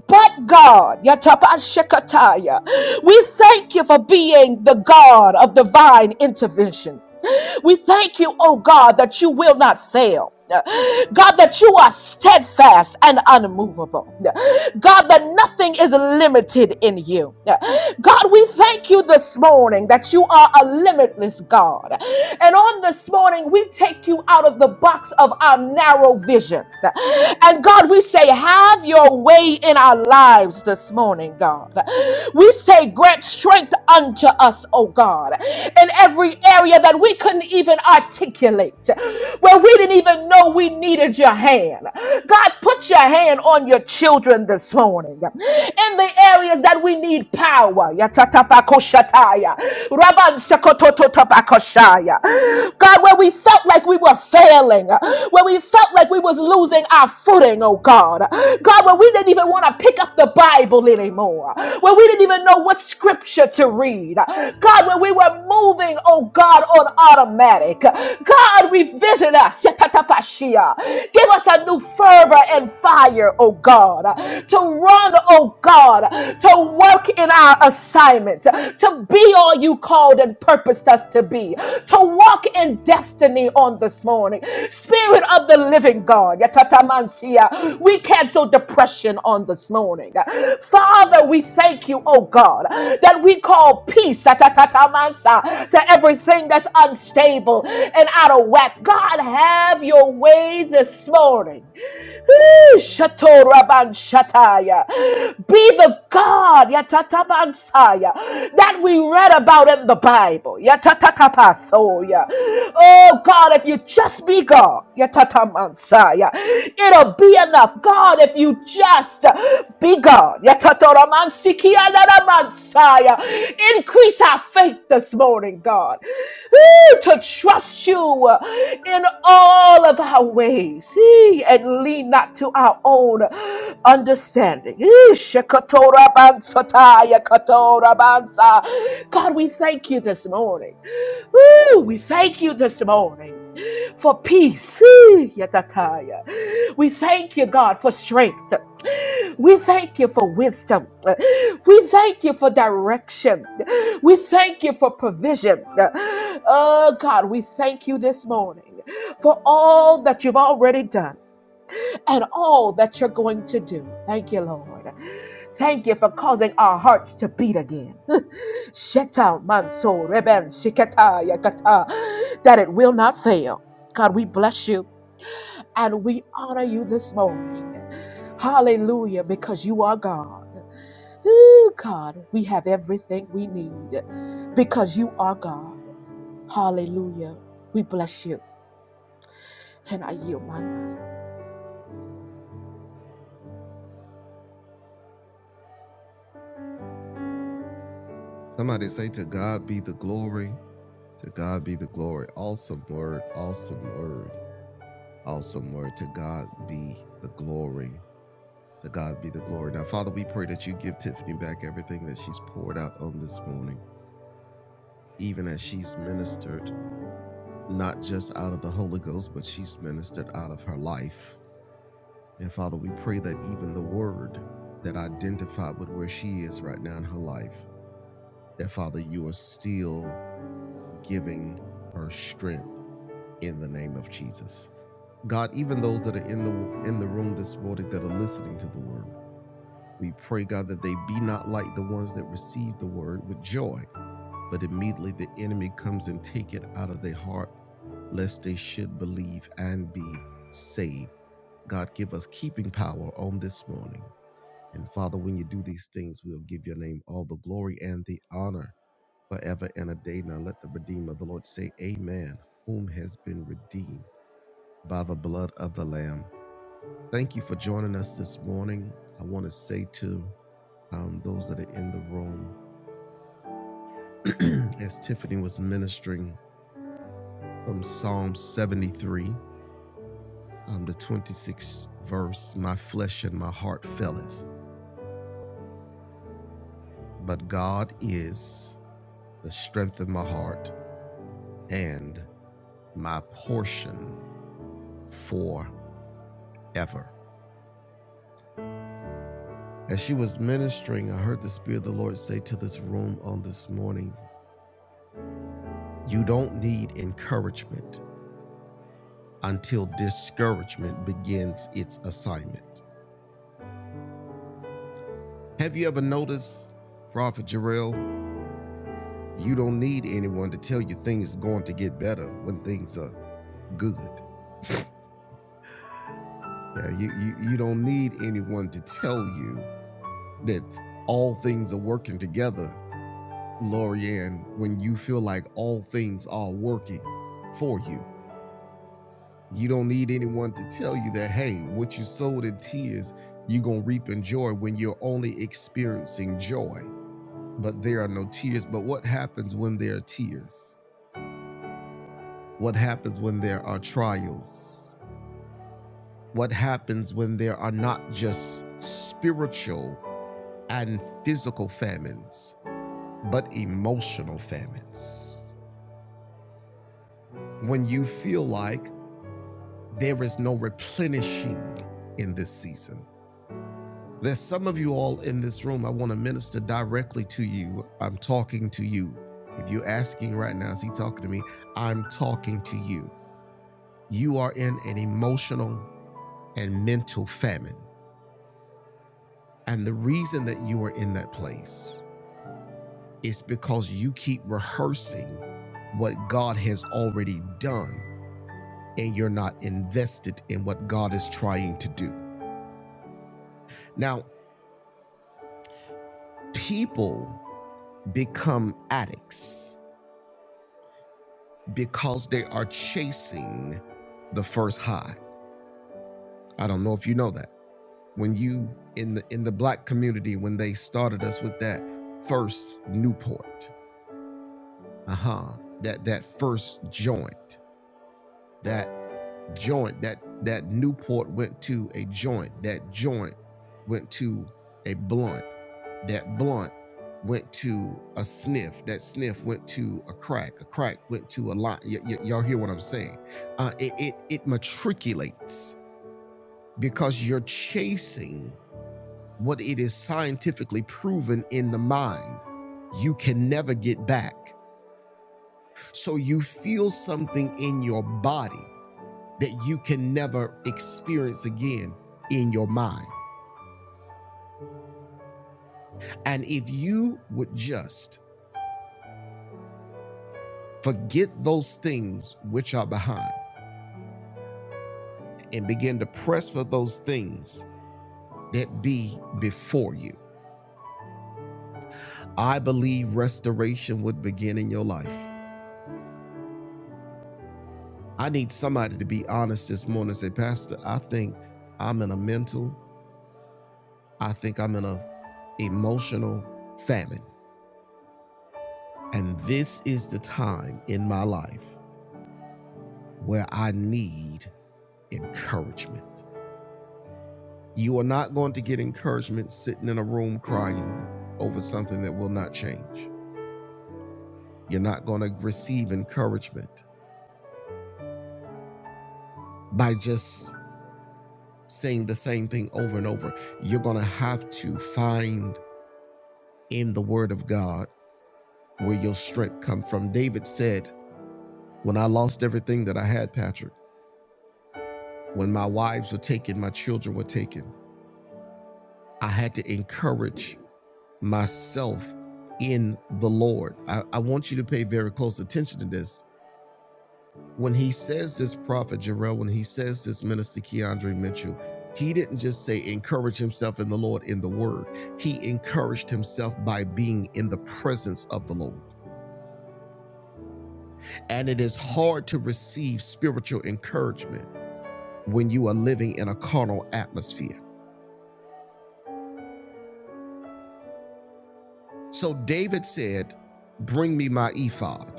Speaker 2: But God, Yatapashekataya, we thank you for being the God of divine intervention. We thank you, oh God, that you will not fail. God, that you are steadfast and unmovable. God, that nothing is limited in you. God, we thank you this morning that you are a limitless God. And on this morning, we take you out of the box of our narrow vision. And God, we say, have your way in our lives this morning morning, God. We say, grant strength unto us, oh God, in every area that we couldn't even articulate, where we didn't even know we needed your hand. God, put your hand on your children this morning in the areas that we need power. Yatatapakoshataya. Rabansakotototapakoshaya. God, where we felt like we were failing failing, when we felt like we was losing our footing, oh God. God, when we didn't even want to pick up the Bible anymore, when we didn't even know what scripture to read. God, when we were moving, oh God, on automatic. God, revisit us. Yatatapashia. Give us a new fervor and fire, oh God, to run, oh God, to work in our assignment assignment, to be all you called and purposed us to be, to walk in destiny on this morning. Spirit of the living God, yatatamansia, we cancel depression on this morning. Father, we thank you, oh God, that we call peace yatatatamansa, to everything that's unstable and out of whack. God, have your way this morning. Woo! Shato Raban Shataya. Be the God Yatatabansaya that we read about in the Bible. Yatatatapasoya. Oh God, if you just be God, Yatatabansaya, it'll be enough. God, if you just be God, Yatatoramansikianaramansaya. increase our faith this morning, God, Woo! to trust you in all of our ways He and and lean not to our own understanding. Eesh, katora bansataya, God, we thank you this morning. Ooh, we thank you this morning for peace. Ooh, yatataya. We thank you, God, for strength. We thank you for wisdom. We thank you for direction. We thank you for provision. Oh, God, we thank you this morning for all that you've already done and all that you're going to do. Thank you, Lord. Thank you for causing our hearts to beat again. Sheta manso reben shiketa yakata, that it will not fail. God, we bless you and we honor you this morning. Hallelujah, because you are God. Ooh, God, we have everything we need because you are God. Hallelujah. We bless you and I yield my mind.
Speaker 1: Somebody say, To God be the glory. To God be the glory. Awesome word. Awesome word. Awesome word. To God be the glory. To God be the glory. Now, Father, we pray that you give Tiffany back everything that she's poured out on this morning, even as she's ministered, not just out of the Holy Ghost, but she's ministered out of her life. And Father, we pray that even the word that identified with where she is right now in her life, that Father, you are still giving her strength in the name of Jesus. God, even those that are in the in the room this morning that are listening to the word, we pray, God, that they be not like the ones that received the word with joy, but immediately the enemy comes and take it out of their heart, lest they should believe and be saved. God, give us keeping power on this morning. And Father, when you do these things, we'll give your name all the glory and the honor forever and a day. Now let the Redeemer of the Lord say, Amen, whom has been redeemed by the blood of the Lamb Thank you for joining us this morning. I want to say to um, those that are in the room, as Tiffany was ministering from Psalm 73, um, the 26th verse, My flesh and my heart faileth, but God is the strength of my heart and my portion forever. As she was ministering, I heard the Spirit of the Lord say to this room on this morning, You don't need encouragement until discouragement begins its assignment. Have you ever noticed, Prophet Jarrell, you don't need anyone to tell you things are going to get better when things are good. Yeah, you, you, you don't need anyone to tell you that all things are working together, Loriann. when you feel like all things are working for you. You don't need anyone to tell you that, hey, what you sowed in tears, you're going to reap in joy when you're only experiencing joy but there are no tears. But what happens when there are tears? What happens when there are trials? What happens when there are not just spiritual and physical famines, but emotional famines? When you feel like there is no replenishing in this season. There's some of you all in this room, I want to minister directly to you. I'm talking to you. If you're asking right now, is he talking to me? I'm talking to you. you are in an emotional and mental famine. And the reason that you are in that place is because you keep rehearsing what God has already done and you're not invested in what God is trying to do. Now, people become addicts because they are chasing the first high. I don't know if you know that. When you in the in the black community when they started us with that first Newport uh-huh that that first joint that joint that that newport went to a joint that joint went to a blunt that blunt went to a sniff that sniff went to a crack a crack went to a lot y- y- y'all hear what i'm saying uh, it, it it matriculates because you're chasing what it is scientifically proven in the mind you can never get back So you feel something in your body that you can never experience again in your mind. And if you would just forget those things which are behind and begin to press for those things that be before you, I believe restoration would begin in your life. I need somebody to be honest this morning and say, Pastor, I think I'm in a mental, I think I'm in a emotional famine. And this is the time in my life where I need encouragement. You are not going to get encouragement sitting in a room crying over something that will not change. You're not going to receive encouragement by just saying the same thing over and over. You're going to have to find in the word of God where your strength comes from. David said, "When I lost everything that I had, Patrick, when my wives were taken, my children were taken, I had to encourage myself in the Lord. I, I want you to pay very close attention to this. When he says this prophet Jarrell, when he says this minister Keandre Mitchell, he didn't just say encourage himself in the Lord in the word. He encouraged himself by being in the presence of the Lord. And it is hard to receive spiritual encouragement when you are living in a carnal atmosphere. So David said, Bring me my ephod.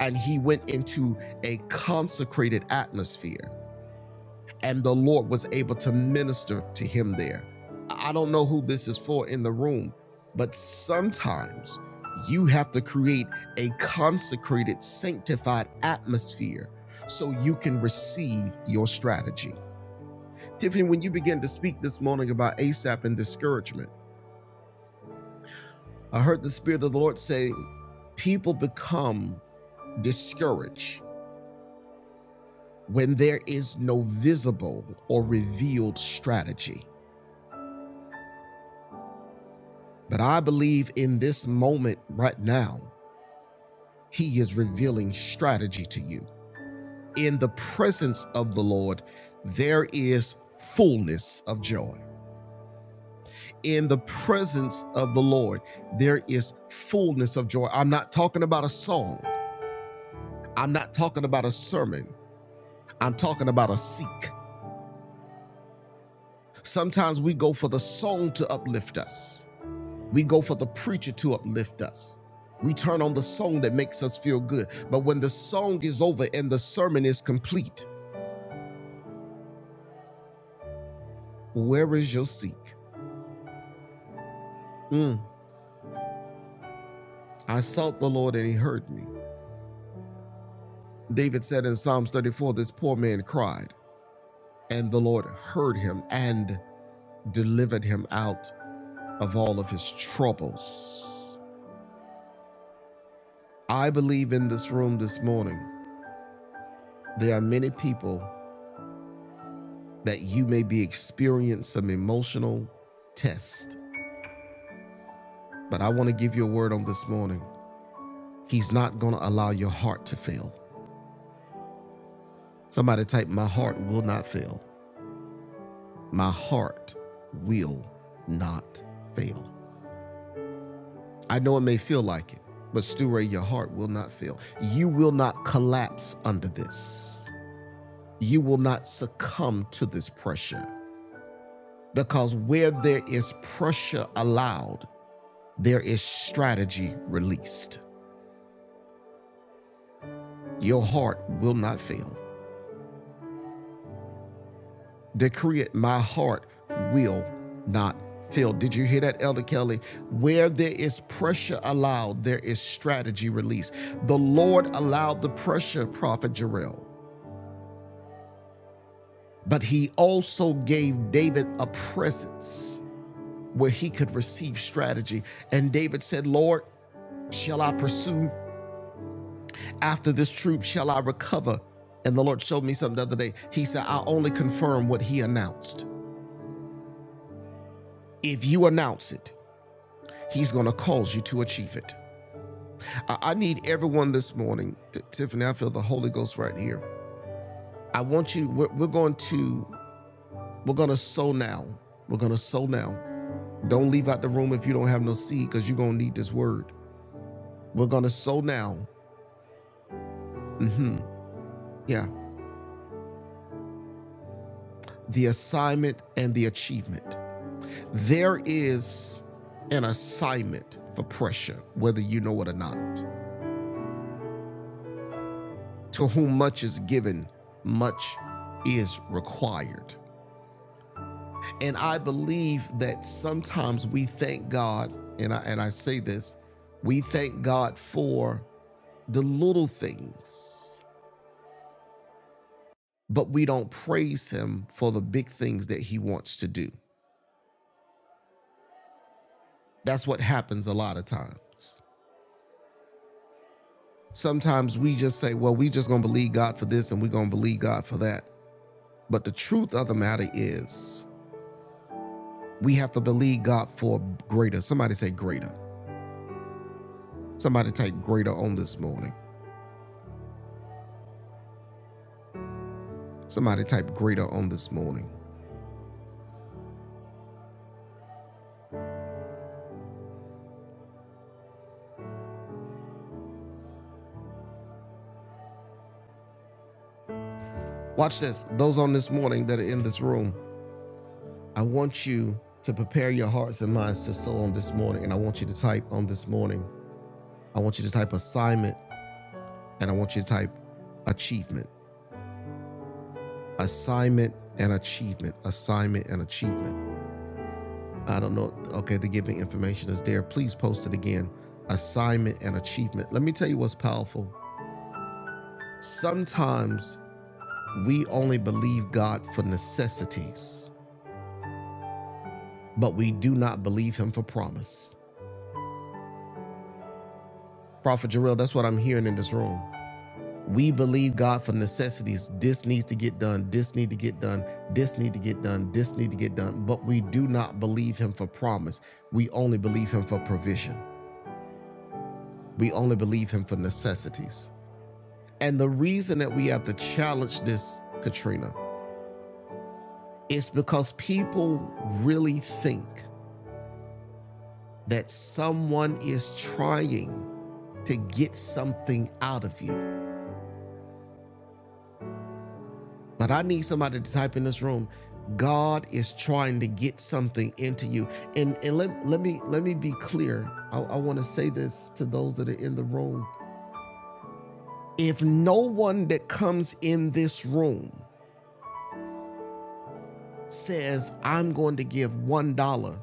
Speaker 1: and he went into a consecrated atmosphere and the lord was able to minister to him there i don't know who this is for in the room but sometimes you have to create a consecrated sanctified atmosphere so you can receive your strategy tiffany when you began to speak this morning about asap and discouragement i heard the spirit of the lord say people become discouraged when there is no visible or revealed strategy. But I believe in this moment right now, He is revealing strategy to you. In the presence of the Lord, there is fullness of joy. In the presence of the Lord, there is fullness of joy. I'm not talking about a song, I'm not talking about a sermon, I'm talking about a seek. Sometimes we go for the song to uplift us. We go for the preacher to uplift us. We turn on the song that makes us feel good. But when the song is over and the sermon is complete, where is your seek? Mm, I sought the Lord and he heard me. David said in Psalms 34 this poor man cried, and the Lord heard him and delivered him out of all of his troubles. I believe in this room this morning, there are many people that you may be experiencing some emotional test But I want to give you a word on this morning. He's not going to allow your heart to fail. Somebody type, My heart will not fail. My heart will not fail. I know it may feel like it, but Stu Ray, your heart will not fail. You will not collapse under this. You will not succumb to this pressure because where there is pressure allowed, there is strategy released. Your heart will not fail. decree it, my heart will not fail. Did you hear that, Elder Kelly? Where there is pressure allowed, there is strategy released. The Lord allowed the pressure, Prophet Jarrell, but he also gave David a presence where he could receive strategy. And David said, Lord, shall I pursue after this troop? Shall I recover? And the Lord showed me something the other day. He said, I only confirm what he announced. If you announce it, He's going to cause you to achieve it. I, I need everyone this morning, T- Tiffany. I feel the Holy Ghost right here. I want you. We're, we're going to. We're going to sow now. We're going to sow now. Don't leave out the room if you don't have no seed, because you're going to need this word. We're going to sow now. Yeah, the assignment and the achievement. There is an assignment for pressure, whether you know it or not. To whom much is given, much is required. And I believe that sometimes we thank God, and I, and I say this, we thank God for the little things, but we don't praise Him for the big things that He wants to do. That's what happens a lot of times. Sometimes we just say, well, we just gonna believe God for this and we're gonna believe God for that. But the truth of the matter is, we have to believe God for greater. Somebody say greater. Somebody take greater on this morning. Somebody type greater on this morning. Watch this. Those on this morning that are in this room, I want you to prepare your hearts and minds to sow on this morning. And I want you to type on this morning. I want you to type assignment and I want you to type achievement. Assignment and achievement. Assignment and achievement. I don't know. Okay, the giving information is there. Please post it again. Assignment and achievement. Let me tell you what's powerful. Sometimes we only believe God for necessities. but we do not believe him for promise. Prophet Jarrell, that's what I'm hearing in this room. We believe God for necessities. This needs to get done. This need to get done. This need to get done. This need to get done. But we do not believe him for promise. We only believe him for provision. We only believe him for necessities. And the reason that we have to challenge this, Katrina, is because people really think that someone is trying to get something out of you. But I need somebody to type in this room. God is trying to get something into you. And and let, let me let me be clear. I, I want to say this to those that are in the room. If no one that comes in this room says, I'm going to give one dollar,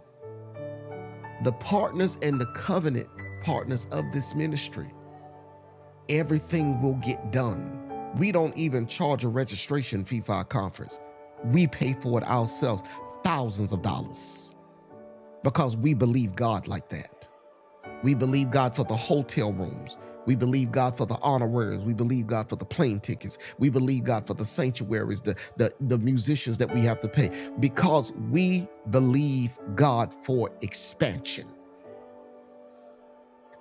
Speaker 1: the partners and the covenant partners of this ministry, everything will get done. We don't even charge a registration fee for our conference. We pay for it ourselves, thousands of dollars because we believe God like that. We believe God for the hotel rooms. We believe God for the honoraries. We believe God for the plane tickets. We believe God for the sanctuaries, the, the, the musicians that we have to pay, because we believe God for expansion.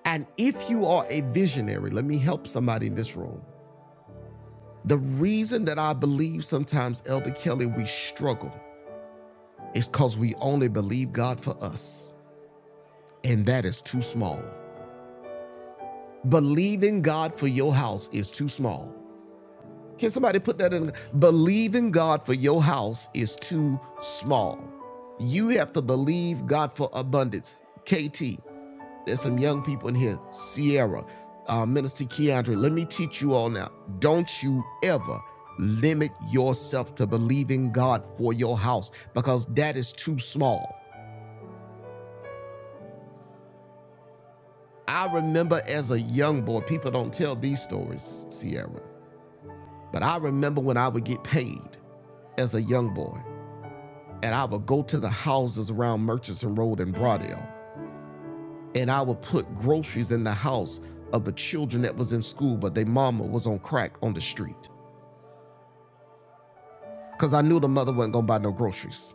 Speaker 1: And if you are a visionary, let me help somebody in this room. The reason that I believe sometimes, Elder Kelly, we struggle is because we only believe God for us, and that is too small. Believing God for your house is too small. Can somebody put that in? Believing God for your house is too small. You have to believe God for abundance. KT, there's some young people in here. Sierra, uh, Minister Keandre, let me teach you all now. Don't you ever limit yourself to believing God for your house because that is too small. I remember as a young boy, people don't tell these stories, Sierra. But I remember when I would get paid as a young boy, and I would go to the houses around Murchison Road in Broadale, and I would put groceries in the house of the children that was in school, but their mama was on crack on the street. Cause I knew the mother wasn't gonna buy no groceries.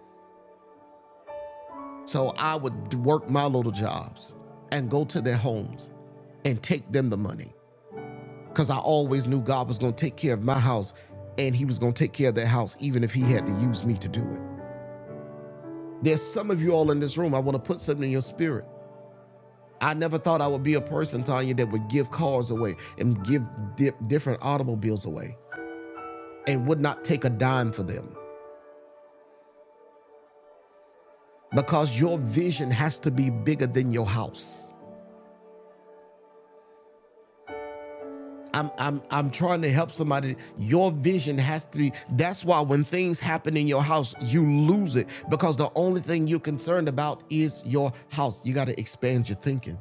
Speaker 1: So I would work my little jobs and go to their homes and take them the money. Cause I always knew God was gonna take care of my house and he was gonna take care of their house, even if he had to use me to do it. There's some of you all in this room. I want to put something in your spirit. I never thought I would be a person, Tanya, that would give cars away and give di- different automobiles away and would not take a dime for them because your vision has to be bigger than your house. I'm, I'm, I'm trying to help somebody. Your vision has to be. That's why when things happen in your house, you lose it because the only thing you're concerned about is your house. You got to expand your thinking.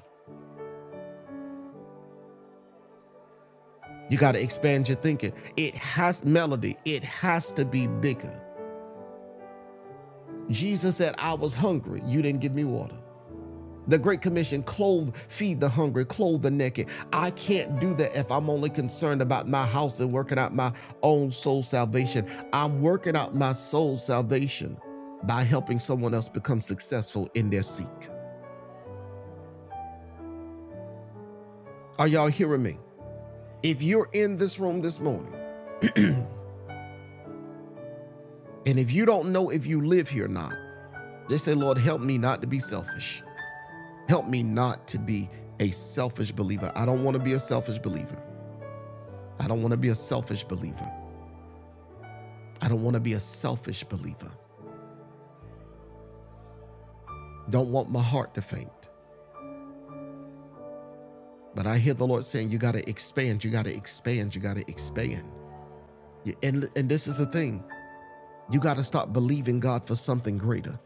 Speaker 1: You got to expand your thinking. It has melody, it has to be bigger. Jesus said, I was hungry. You didn't give me water. The Great Commission clothe, feed the hungry, clothe the naked. I can't do that if I'm only concerned about my house and working out my own soul salvation. I'm working out my soul salvation by helping someone else become successful in their seek. Are y'all hearing me? If you're in this room this morning, and if you don't know if you live here or not, just say, Lord, help me not to be selfish. Help me not to be a selfish believer. I don't want to be a selfish believer. I don't want to be a selfish believer. I don't want to be a selfish believer. Don't want my heart to faint. But I hear the Lord saying, you got to expand, you got to expand, you got to expand. Yeah, And, and this is the thing you got to start believing God for something greater.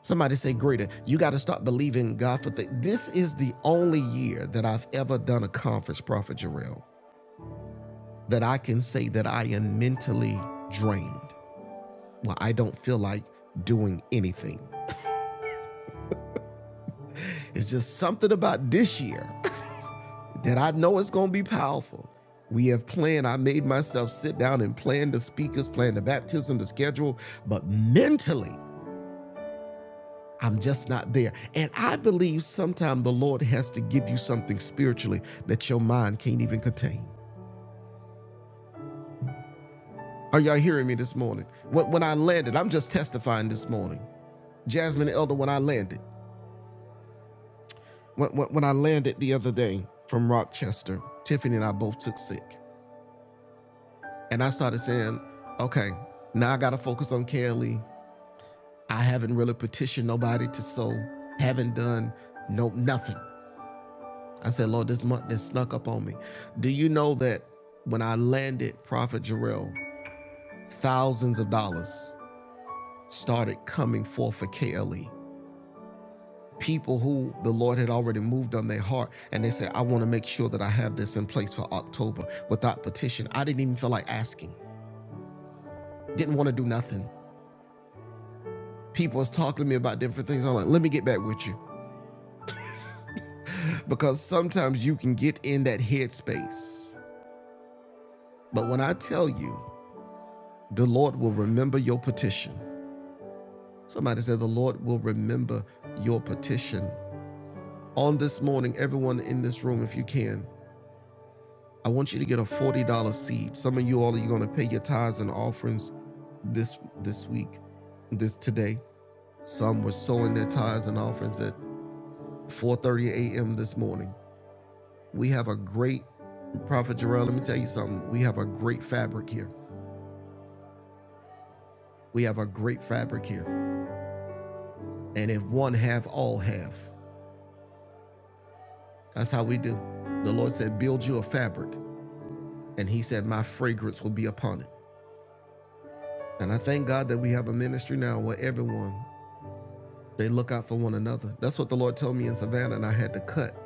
Speaker 1: Somebody say greater. You got to start believing God for things. This is the only year that I've ever done a conference, Prophet Jarrell, that I can say that I am mentally drained. well, I don't feel like doing anything. It's just something about this year that I know it's going to be powerful. We have planned, I made myself sit down and plan the speakers, plan the baptism, the schedule, but mentally, I'm just not there. And I believe sometimes the Lord has to give you something spiritually that your mind can't even contain. Are y'all hearing me this morning? When, when I landed, I'm just testifying this morning. Jasmine Elder, when I landed, When, when, I landed the other day from Rochester, Tiffany and I both took sick. And I started saying, okay, now I got to focus on Kelly. I haven't really petitioned nobody to sow, haven't done no nothing. I said, Lord, this month this snuck up on me. Do you know that when I landed Prophet Jarrell, thousands of dollars started coming forth for KLE? people who the Lord had already moved on their heart. And they said, I want to make sure that I have this in place for October without petition. I didn't even feel like asking, didn't want to do nothing. People was talking to me about different things. I'm like, let me get back with you. Because sometimes you can get in that headspace. But when I tell you, the Lord will remember your petition. Somebody said, the Lord will remember your petition. On this morning, everyone in this room, if you can, I want you to get a $40 seed. Some of you all are going to pay your tithes and offerings this this week, this today. Some were sowing their tithes and offerings at 4:30 a.m. this morning. We have a great Prophet Jarrell, let me tell you something. We have a great fabric here. We have a great fabric here. And if one have, all have. That's how we do. The Lord said, Build you a fabric. And He said, My fragrance will be upon it. And I thank God that we have a ministry now where everyone They look out for one another. That's what the Lord told me in Savannah, and I had to cut.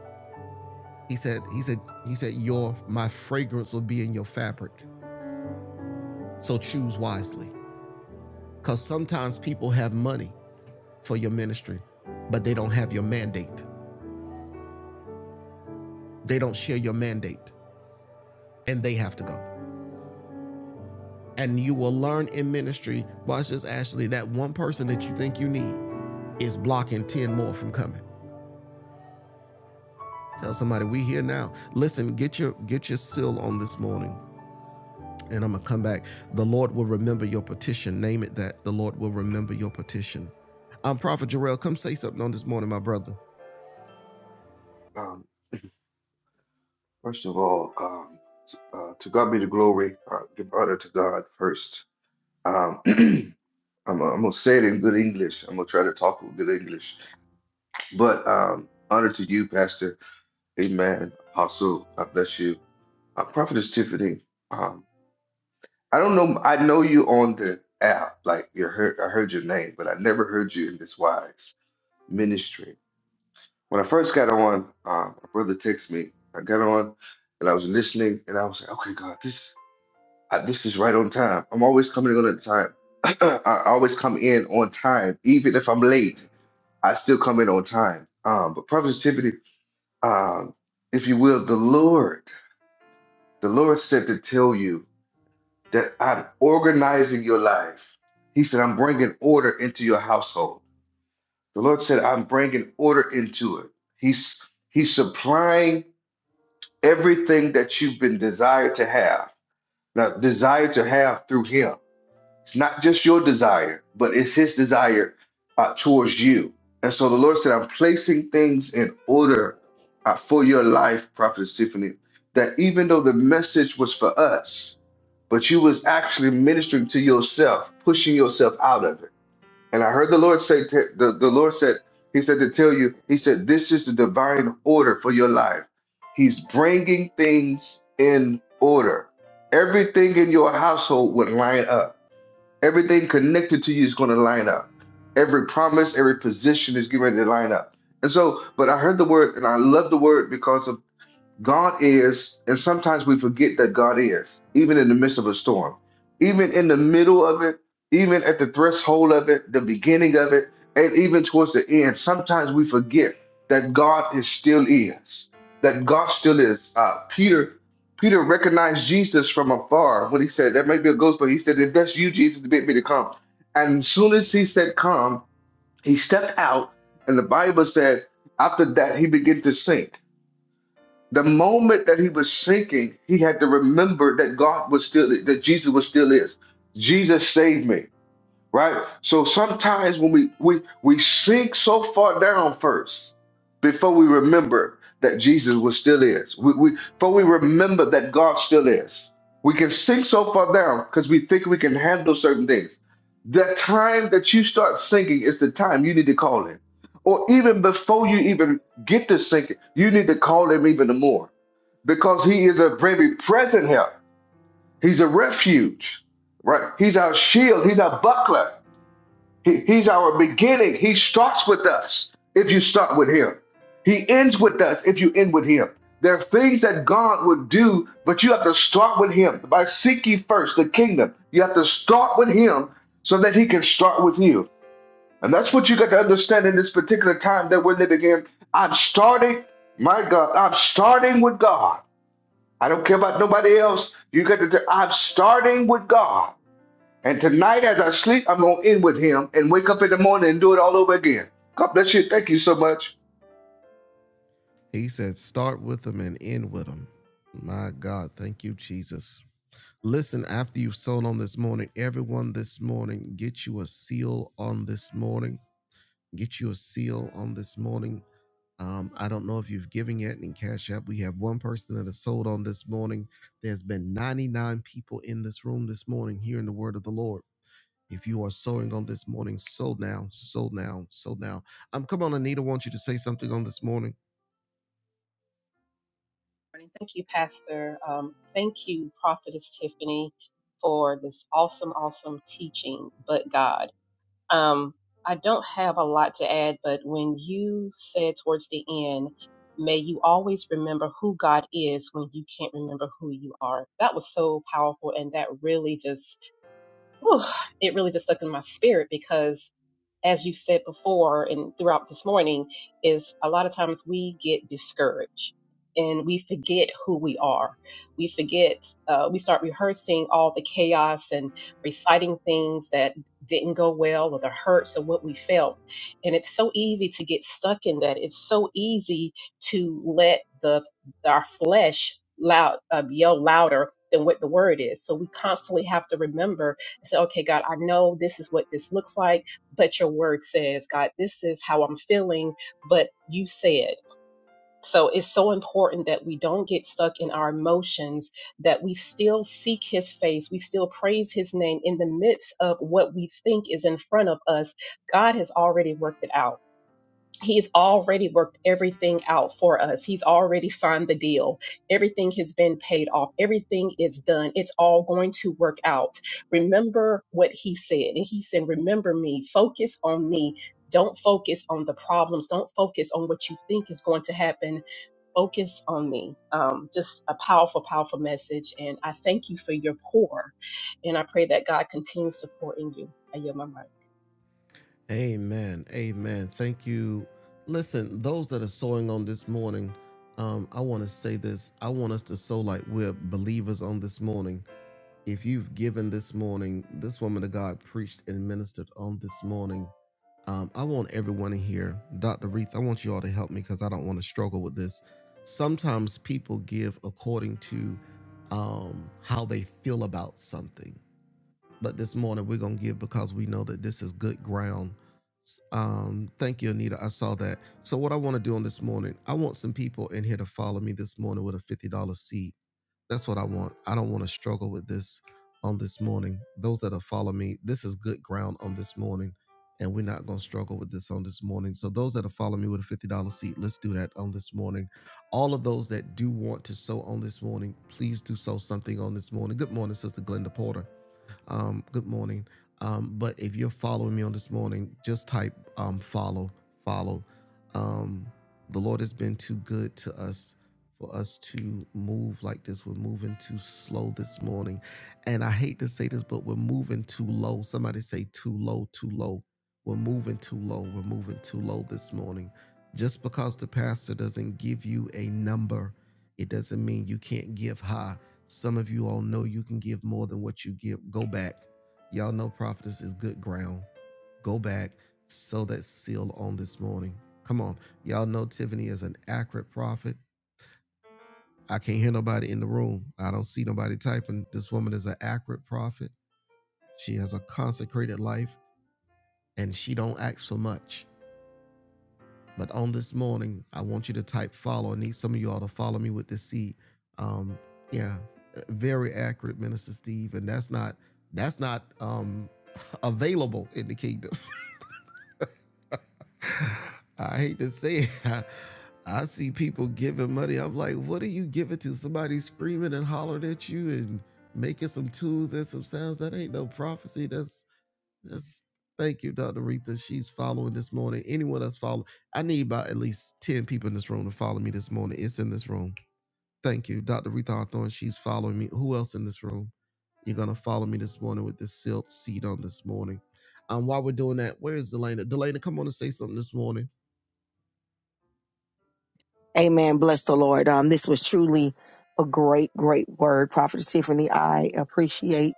Speaker 1: He said, He said, He said, Your my fragrance will be in your fabric. So choose wisely. Because sometimes people have money for your ministry, but they don't have your mandate. They don't share your mandate. And they have to go. And you will learn in ministry, watch this, Ashley, that one person that you think you need is blocking 10 more from coming. Tell somebody we here now. Listen, get your get your seal on this morning. and I'm going to come back. The Lord will remember your petition. Name it that. The Lord will remember your petition. I'm Prophet Jarrell. Come say something on this morning, my brother.
Speaker 3: Um, first of all, um, t- uh, to God be the glory. Uh, give honor to God first. Um, I'm, gonna- I'm gonna say it in good English. I'm gonna try to talk with good English. But um, honor to you, Pastor. Amen. Apostle, I bless you. Uh, Prophetess Tiffany. Um, I don't know. I know you on the app. Like you heard, I heard your name, but I never heard you in this wise ministry. When I first got on, um, my brother texted me. I got on and I was listening, and I was like, "Okay, God, this." I, this is right on time. I'm always coming in on time. I always come in on time, even if I'm late. I still come in on time. Um, but productivity, um, if you will, the Lord, the Lord said to tell you that I'm organizing your life. He said, I'm bringing order into your household. The Lord said, I'm bringing order into it. He's He's supplying everything that you've been desired to have. Now, desired to have through Him. It's not just your desire, but it's his desire uh, towards you. And so the Lord said, I'm placing things in order uh, for your life, Prophet Tiffany, that even though the message was for us, but you was actually ministering to yourself, pushing yourself out of it. And I heard the Lord say, to, the, the Lord said, he said to tell you, he said, this is the divine order for your life. He's bringing things in order. Everything in your household would line up Everything connected to you is going to line up. Every promise, every position is getting ready to line up. And so, but I heard the word and I love the word because of God is, and sometimes we forget that God is, even in the midst of a storm, even in the middle of it, even at the threshold of it, the beginning of it, and even towards the end. Sometimes we forget that God is still is, that God still is. Uh, Peter, Peter recognized Jesus from afar when he said, "That may be a ghost," but he said, "If that's you, Jesus, bid me to come." And as soon as he said, "Come," he stepped out, and the Bible says, after that, he began to sink the moment that he was sinking, he had to remember that God was still, that Jesus was still is. Jesus saved me, right? So sometimes when we we we sink so far down first before we remember that Jesus was still is. We, we before we remember that God still is. We can sink so far down because we think we can handle certain things. The time that you start sinking is the time you need to call him. Or even before you even get to sinking, you need to call him even more because he is a very present help. He's a refuge, right? He's our shield. He's our buckler. He- he's our beginning. He starts with us if you start with him. He ends with us if you end with him. There are things that God would do, but you have to start with him. By seek ye first the kingdom, you have to start with him so that he can start with you. And that's what you got to understand in this particular time that we're living in. I'm starting, my God, I'm starting with God. I don't care about nobody else. You got to. T- I'm starting with God, and tonight as I sleep, I'm gonna end with Him, and wake up in the morning and do it all over again. God bless you. Thank you so much.
Speaker 1: He said, start with them and end with them. My God, thank you, Jesus. Listen, after you've sown on this morning, everyone this morning, get you a seal on this morning. Get you a seal on this morning. Um, I don't know if you've given yet in Cash App. We have one person that has sold on this morning. There's been 99 people in this room this morning hearing the word of the Lord. If you are sowing on this morning, sow now, sow now, sow now. Um, come on, Anita, I want you to say something on this morning.
Speaker 4: morning. Thank you, Pastor. Um, thank you, Prophetess Tiffany, for this awesome, awesome teaching. But God, um, I don't have a lot to add, but when you said towards the end, may you always remember who God is when you can't remember who you are. That was so powerful. And that really just, whew, it really just stuck in my spirit because as you said before and throughout this morning, is a lot of times we get discouraged and we forget who we are. We forget, uh, we start rehearsing all the chaos and reciting things that didn't go well or the hurts or what we felt. And it's so easy to get stuck in that. It's so easy to let the our flesh loud uh, yell louder than what the word is. So we constantly have to remember and say, okay, God, I know this is what this looks like but your word says, God, this is how I'm feeling, but you said. So it's so important that we don't get stuck in our emotions, that we still seek his face, we still praise his name in the midst of what we think is in front of us. God has already worked it out. He's already worked everything out for us. He's already signed the deal. Everything has been paid off. Everything is done. It's all going to work out. Remember what he said. And he said, Remember me. Focus on me. Don't focus on the problems. Don't focus on what you think is going to happen. Focus on me. Um, just a powerful, powerful message. And I thank you for your pour. And I pray that God continues to pour in you. I yield my mic.
Speaker 1: Amen. Amen. Thank you. Listen, those that are sowing on this morning, um, I want to say this. I want us to sow like we're believers on this morning. If you've given this morning, this woman of God preached and ministered on this morning. Um, I want everyone in here, Dr. Reith, I want you all to help me because I don't want to struggle with this. Sometimes people give according to um, how they feel about something. But this morning we're going to give because we know that this is good ground. Um, thank you, Anita. I saw that. So, what I want to do on this morning, I want some people in here to follow me this morning with a $50 seed. That's what I want. I don't want to struggle with this on this morning. Those that have followed me, this is good ground on this morning, and we're not going to struggle with this on this morning. So, those that have followed me with a $50 seat, let's do that on this morning. All of those that do want to sow on this morning, please do sow something on this morning. Good morning, Sister Glenda Porter. Um, good morning. Um, but if you're following me on this morning, just type um, follow, follow. Um, the Lord has been too good to us for us to move like this. We're moving too slow this morning. And I hate to say this, but we're moving too low. Somebody say too low, too low. We're moving too low. We're moving too low this morning. Just because the pastor doesn't give you a number, it doesn't mean you can't give high. Some of you all know you can give more than what you give. Go back. Y'all know prophetess is good ground. Go back. sow that seal on this morning. Come on. Y'all know Tiffany is an accurate prophet. I can't hear nobody in the room. I don't see nobody typing. This woman is an accurate prophet. She has a consecrated life and she don't ask for much. But on this morning, I want you to type follow. I need some of y'all to follow me with the C. Um, yeah, very accurate, Minister Steve. And that's not that's not um, available in the kingdom. I hate to say it. I, I see people giving money. I'm like, what are you giving to? Somebody screaming and hollering at you and making some tunes and some sounds. That ain't no prophecy. That's that's thank you, Dr. Retha. She's following this morning. Anyone that's following, I need about at least 10 people in this room to follow me this morning. It's in this room. Thank you, Dr. Retha Hawthorne. She's following me. Who else in this room? You're gonna follow me this morning with this silk seat on this morning. Um, while we're doing that, where is Delana? Delana, come on and say something this morning.
Speaker 5: Amen. Bless the Lord. Um, this was truly a great, great word, Prophet Tiffany. I appreciate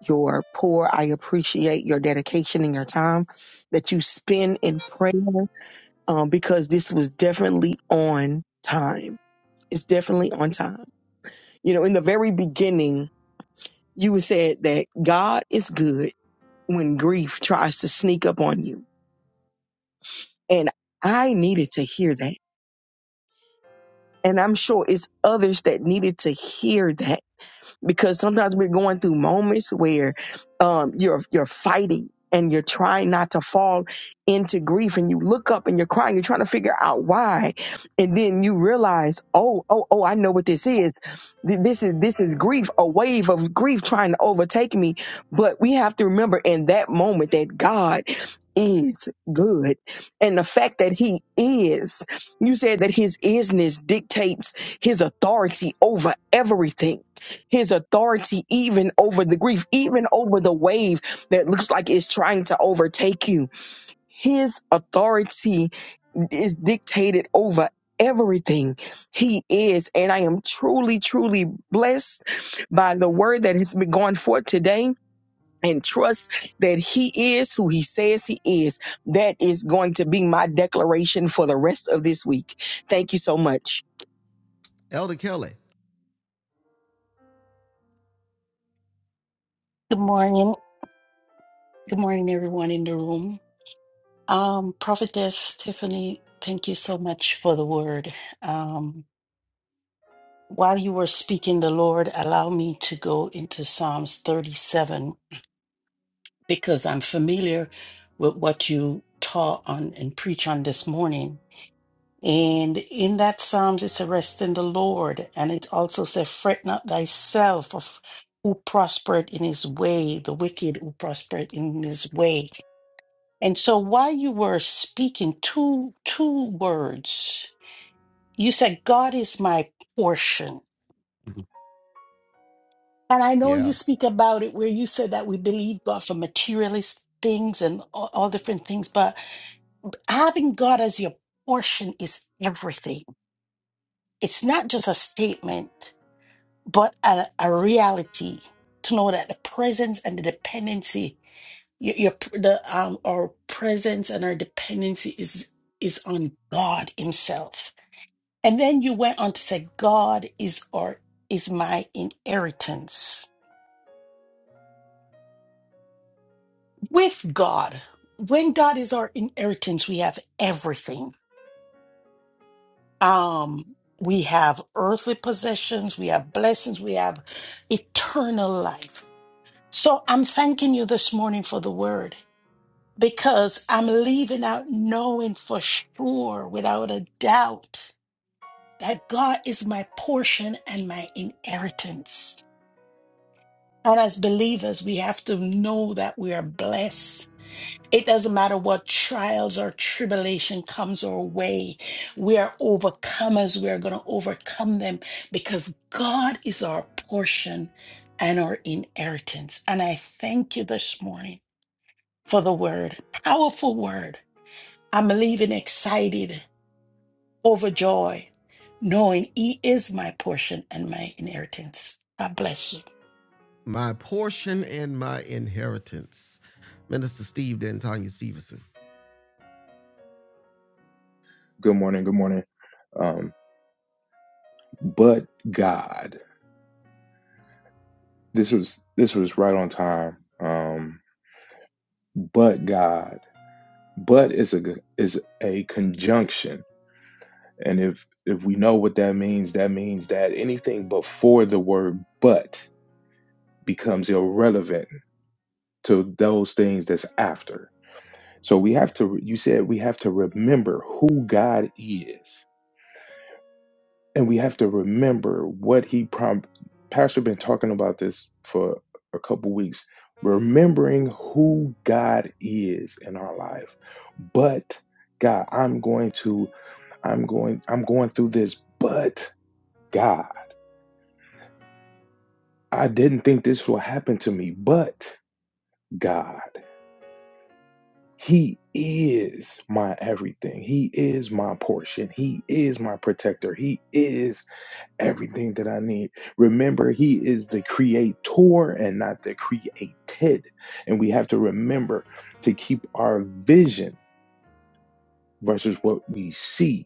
Speaker 5: your pour. I appreciate your dedication and your time that you spend in prayer. Um, because this was definitely on time. It's definitely on time. You know, in the very beginning, you said that God is good when grief tries to sneak up on you, and I needed to hear that, and I'm sure it's others that needed to hear that because sometimes we're going through moments where um, you're you're fighting and you're trying not to fall into grief and you look up and you're crying you're trying to figure out why and then you realize oh oh oh i know what this is Th- this is this is grief a wave of grief trying to overtake me but we have to remember in that moment that god is good and the fact that he is you said that his isness dictates his authority over everything his authority even over the grief, even over the wave that looks like it's trying to overtake you. His authority is dictated over everything he is. And I am truly, truly blessed by the word that has been going forth today. And trust that he is who he says he is. That is going to be my declaration for the rest of this week. Thank you so much.
Speaker 1: Elder Kelly.
Speaker 6: Good morning. Good morning, everyone in the room. Um, Prophetess Tiffany, thank you so much for the word. Um, while you were speaking, the Lord allow me to go into Psalms 37 because I'm familiar with what you taught on and preach on this morning. And in that Psalms, it's a rest in the Lord. And it also says, Fret not thyself of who prospered in his way, the wicked who prospered in his way And so while you were speaking two two words, you said God is my portion. Mhm. And I know you
Speaker 1: Yeah.
Speaker 6: speak about it where you said that we believe God for materialist things and all, all different things, but having God as your portion is everything. It's not just a statement, but a, a reality to know that the presence and the dependency, your, your p- the um our presence and our dependency is is on God Himself And then you went on to say, God is our is my inheritance. With God, when God is our inheritance, we have everything. Um, we have earthly possessions, we have blessings, we have eternal life. So I'm thanking you this morning for the word because I'm leaving out knowing for sure, without a doubt, that God is my portion and my inheritance. And as believers, we have to know that we are blessed. It doesn't matter what trials or tribulation comes our way. We are overcomers. We are going to overcome them because God is our portion and our inheritance. And I thank you this morning for the word, powerful word. I'm leaving excited, overjoyed, knowing He is my portion and my inheritance. God bless you.
Speaker 1: My portion and my inheritance. Minister Steve D'Antonia Stevenson.
Speaker 7: Good morning. Good morning. Um, but God, this was this was right on time. Um, but God, but is a is a conjunction, and if if we know what that means, that means that anything before the word but becomes irrelevant to those things that's after. So we have to. You said we have to remember who God is and we have to remember what he prom pastor been talking about this for a couple weeks remembering who god is in our life but god i'm going to i'm going i'm going through this but god i didn't think this will happen to me but god he is my everything he is my portion he is my protector he is everything that I need. Remember, He is the creator and not the created. And we have to remember to keep our vision versus what we see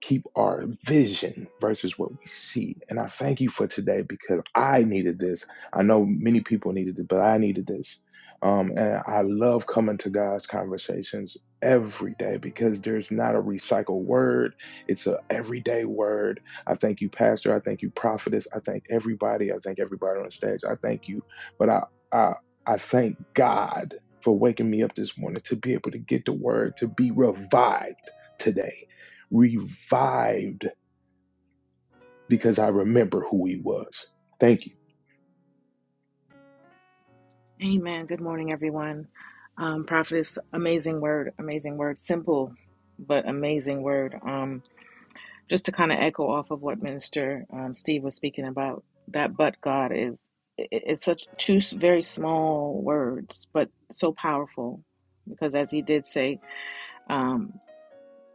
Speaker 7: keep our vision versus what we see. And I thank you for today because I needed this. I know many people needed it, but I needed this. Um, and I love coming to God's conversations every day because there's not a recycled word. It's a everyday word. I thank you, Pastor. I thank you, Prophetess. I thank everybody. I thank everybody on the stage. I thank you. But I I, I thank God for waking me up this morning to be able to get the word to be revived today revived because I remember who he was. Thank you.
Speaker 8: Amen. Good morning, everyone. Um, prophetess, amazing word, amazing word, simple but amazing word. Um, just to kind of echo off of what Minister um, Steve was speaking about, that but God is it, it's such two s- very small words, but so powerful because as he did say, um,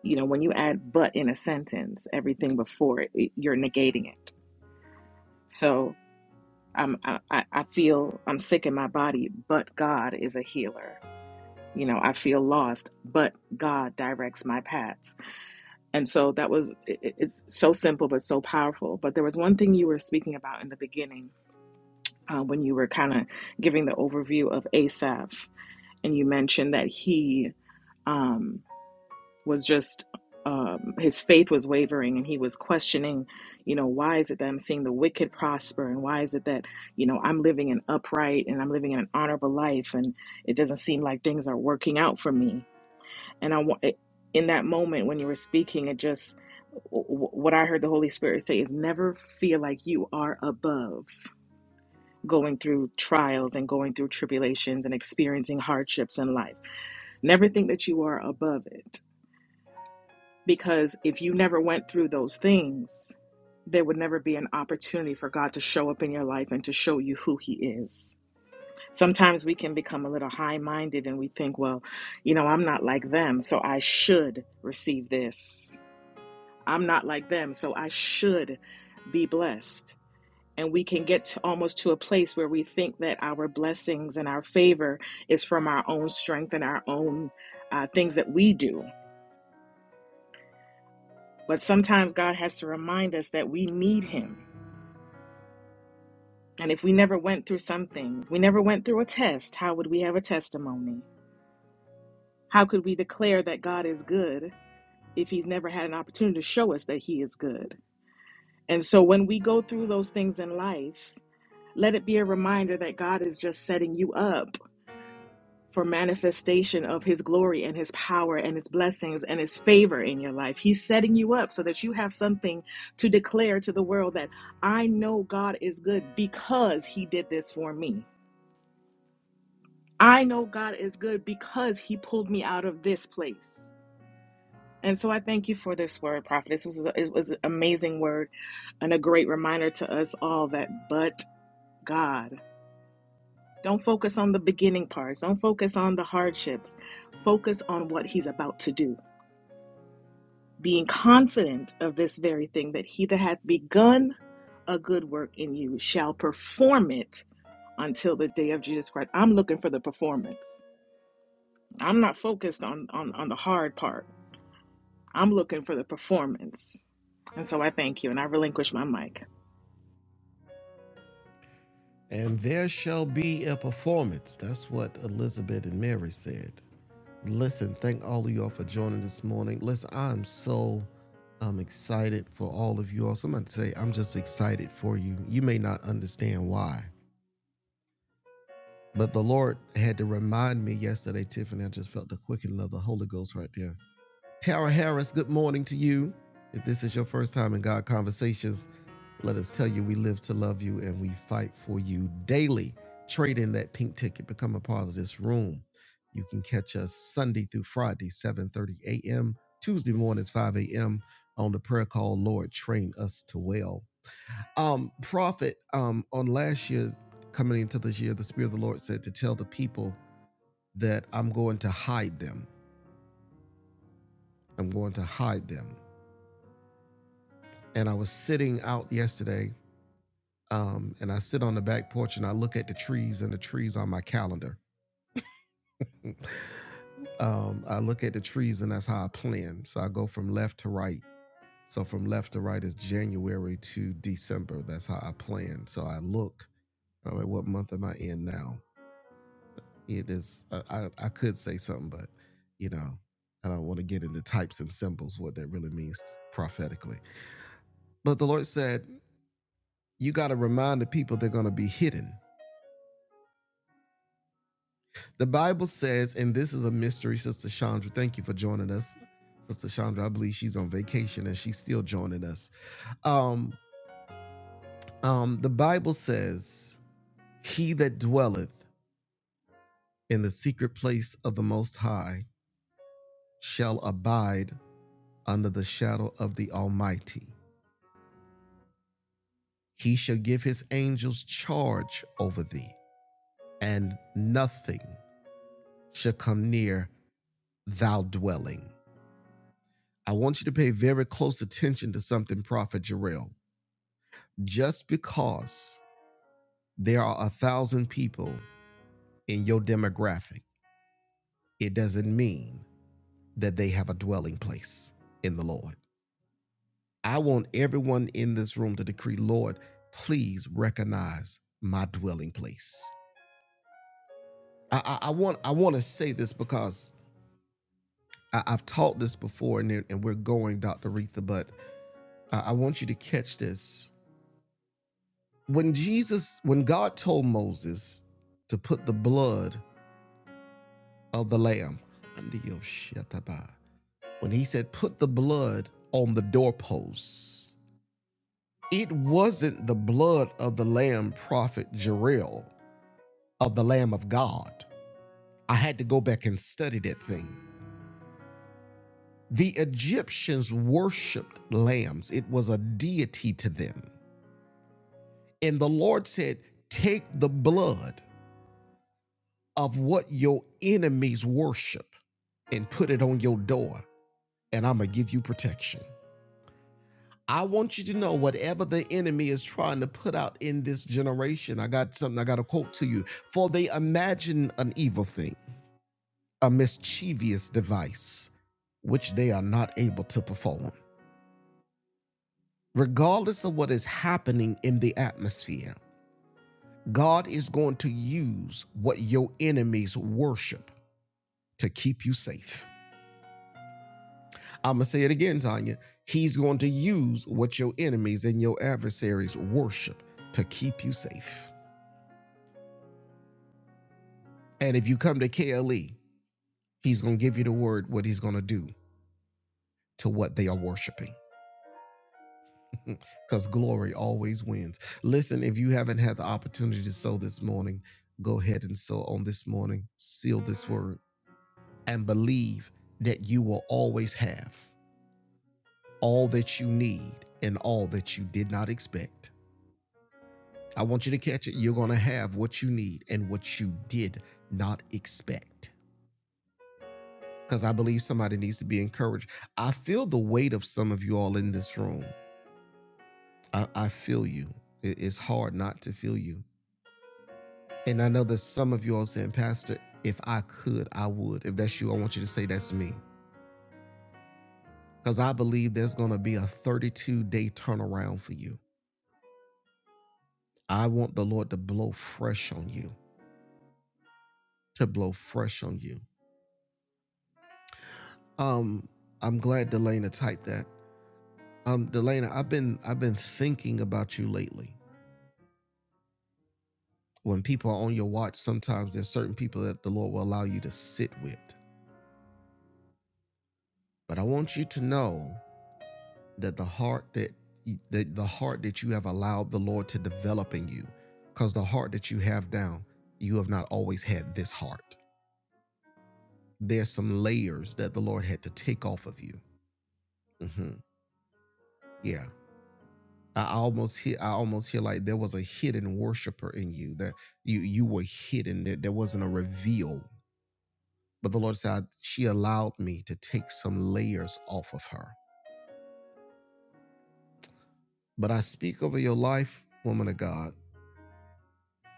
Speaker 8: you know, when you add but in a sentence, everything before it, it- you're negating it. So. I'm, I, I I feel I'm sick in my body, but God is a healer you know i feel lost but god directs my paths and so that was it, it's so simple but so powerful but there was one thing you were speaking about in the beginning uh, when you were kind of giving the overview of asaph and you mentioned that he um, was just um, his faith was wavering and he was questioning you know why is it that i'm seeing the wicked prosper and why is it that you know i'm living an upright and i'm living an honorable life and it doesn't seem like things are working out for me and I want in that moment when you were speaking, it just what I heard the Holy Spirit say is never feel like you are above going through trials and going through tribulations and experiencing hardships in life. Never think that you are above it because if you never went through those things, there would never be an opportunity for God to show up in your life and to show you who He is. Sometimes we can become a little high minded and we think, well, you know, I'm not like them, so I should receive this. I'm not like them, so I should be blessed. And we can get to almost to a place where we think that our blessings and our favor is from our own strength and our own uh, things that we do. But sometimes God has to remind us that we need Him. And if we never went through something, we never went through a test, how would we have a testimony? How could we declare that God is good if He's never had an opportunity to show us that He is good? And so when we go through those things in life, Let it be a reminder that God is just setting you up for manifestation of his glory and his power and his blessings and his favor in your life. He's setting you up so that you have something to declare to the world that I know God is good because he did this for me. I know God is good because he pulled me out of this place. And so I thank you for this word, prophet. This was, it was an amazing word and a great reminder to us all that but God. Don't focus on the beginning parts. Don't focus on the hardships. Focus on what he's about to do, being confident of this very thing that he that hath begun a good work in you shall perform it until the day of Jesus Christ. I'm looking for the performance. I'm not focused on on, on the hard part. I'm looking for the performance. And so I thank you and I relinquish my mic.
Speaker 1: And there shall be a performance. That's what Elizabeth and Mary said. Listen, thank all of y'all for joining this morning. Listen, I'm so um, excited for all of you all. Somebody say, I'm just excited for you. You may not understand why, but the Lord had to remind me yesterday, Tiffany. I just felt the quickening of the Holy Ghost right there Tara Harris, good morning to you. If this is your first time in God Conversations, let us tell you we live to love you and we fight for you daily. Trade in that pink ticket, become a part of this room. You can catch us Sunday through Friday, 7:30 a.m., Tuesday mornings, 5 a.m. on the prayer call, Lord, train us to well. Um, Prophet, um, on last year, coming into this year, the Spirit of the Lord said to tell the people that I'm going to hide them. I'm going to hide them. and I was sitting out yesterday, um, and I sit on the back porch and I look at the trees and the trees on my calendar. um, I look at the trees and that's how I plan. So I go from left to right. So from left to right is January to December. That's how I plan. So I look. I'm like, what month am I in now? It is. I, I, I could say something, but you know, I don't want to get into types and symbols what that really means prophetically. But the Lord said, you got to remind the people they're going to be hidden. The Bible says, and this is a mystery, Sister Chandra. Thank you for joining us. Sister Chandra, I believe she's on vacation and she's still joining us. Um, um, the Bible says, He that dwelleth in the secret place of the Most High shall abide under the shadow of the Almighty. He shall give his angels charge over thee, and nothing shall come near thou dwelling. I want you to pay very close attention to something, Prophet Jarrell. Just because there are a thousand people in your demographic, it doesn't mean that they have a dwelling place in the Lord. I want everyone in this room to decree, Lord, please recognize my dwelling place. I, I, I want I want to say this because I, I've taught this before, and, it- and we're going, Dr. Retha, but I, I want you to catch this. When Jesus, when God told Moses to put the blood of the Lamb. Andiyoshataba. When he said, Put the blood on the doorposts, it wasn't the blood of the Lamb, Prophet Jerel, of the Lamb of God. I had to go back and study that thing. The Egyptians worshiped lambs, it was a deity to them. And the Lord said, Take the blood of what your enemies worship and put it on your door, and I'm going to give you protection. I want you to know whatever the enemy is trying to put out in this generation. I got something, I got a quote to you. For they imagine an evil thing, a mischievous device, which they are not able to perform. Regardless of what is happening in the atmosphere, God is going to use what your enemies worship to keep you safe. I'm going to say it again, Tanya. He's going to use what your enemies and your adversaries worship to keep you safe. And if you come to KLE, he's going to give you the word what he's going to do to what they are worshiping. Because glory always wins. Listen, if you haven't had the opportunity to sow this morning, go ahead and sow on this morning. Seal this word and believe that you will always have all that you need and all that you did not expect. I want you to catch it. You're going to have what you need and what you did not expect. because I believe somebody needs to be encouraged. I feel the weight of some of you all in this room. I, I feel you. It- it's hard not to feel you. And I know that some of you all saying, Pastor, if I could, I would. If that's you, I want you to say that's me. Because I believe there's going to be a 32 day turnaround for you. I want the Lord to blow fresh on you, to blow fresh on you. Um, I'm glad Delana typed that. Um, Delana, I've been I've been thinking about you lately. When people are on your watch, sometimes there's certain people that the Lord will allow you to sit with. But I want you to know that the heart that that the heart that you have allowed the Lord to develop in you, because the heart that you have now, you have not always had this heart. There's some layers that the Lord had to take off of you. hmm Yeah, I I almost hear. I almost hear like there was a hidden worshiper in you that you you were hidden. That there wasn't a reveal But the Lord said, She allowed me to take some layers off of her. But I speak over your life, woman of God,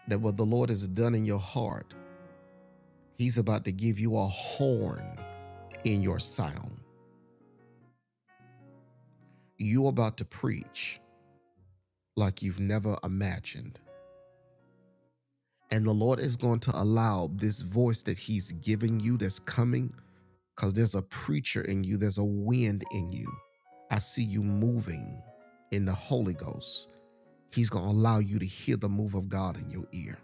Speaker 1: that what the Lord has done in your heart, He's about to give you a horn in your sound. You're about to preach like you've never imagined. And the Lord is going to allow this voice that He's giving you that's coming, because there's a preacher in you, there's a wind in you. I see you moving in the Holy Ghost He's going to allow you to hear the move of God in your ear.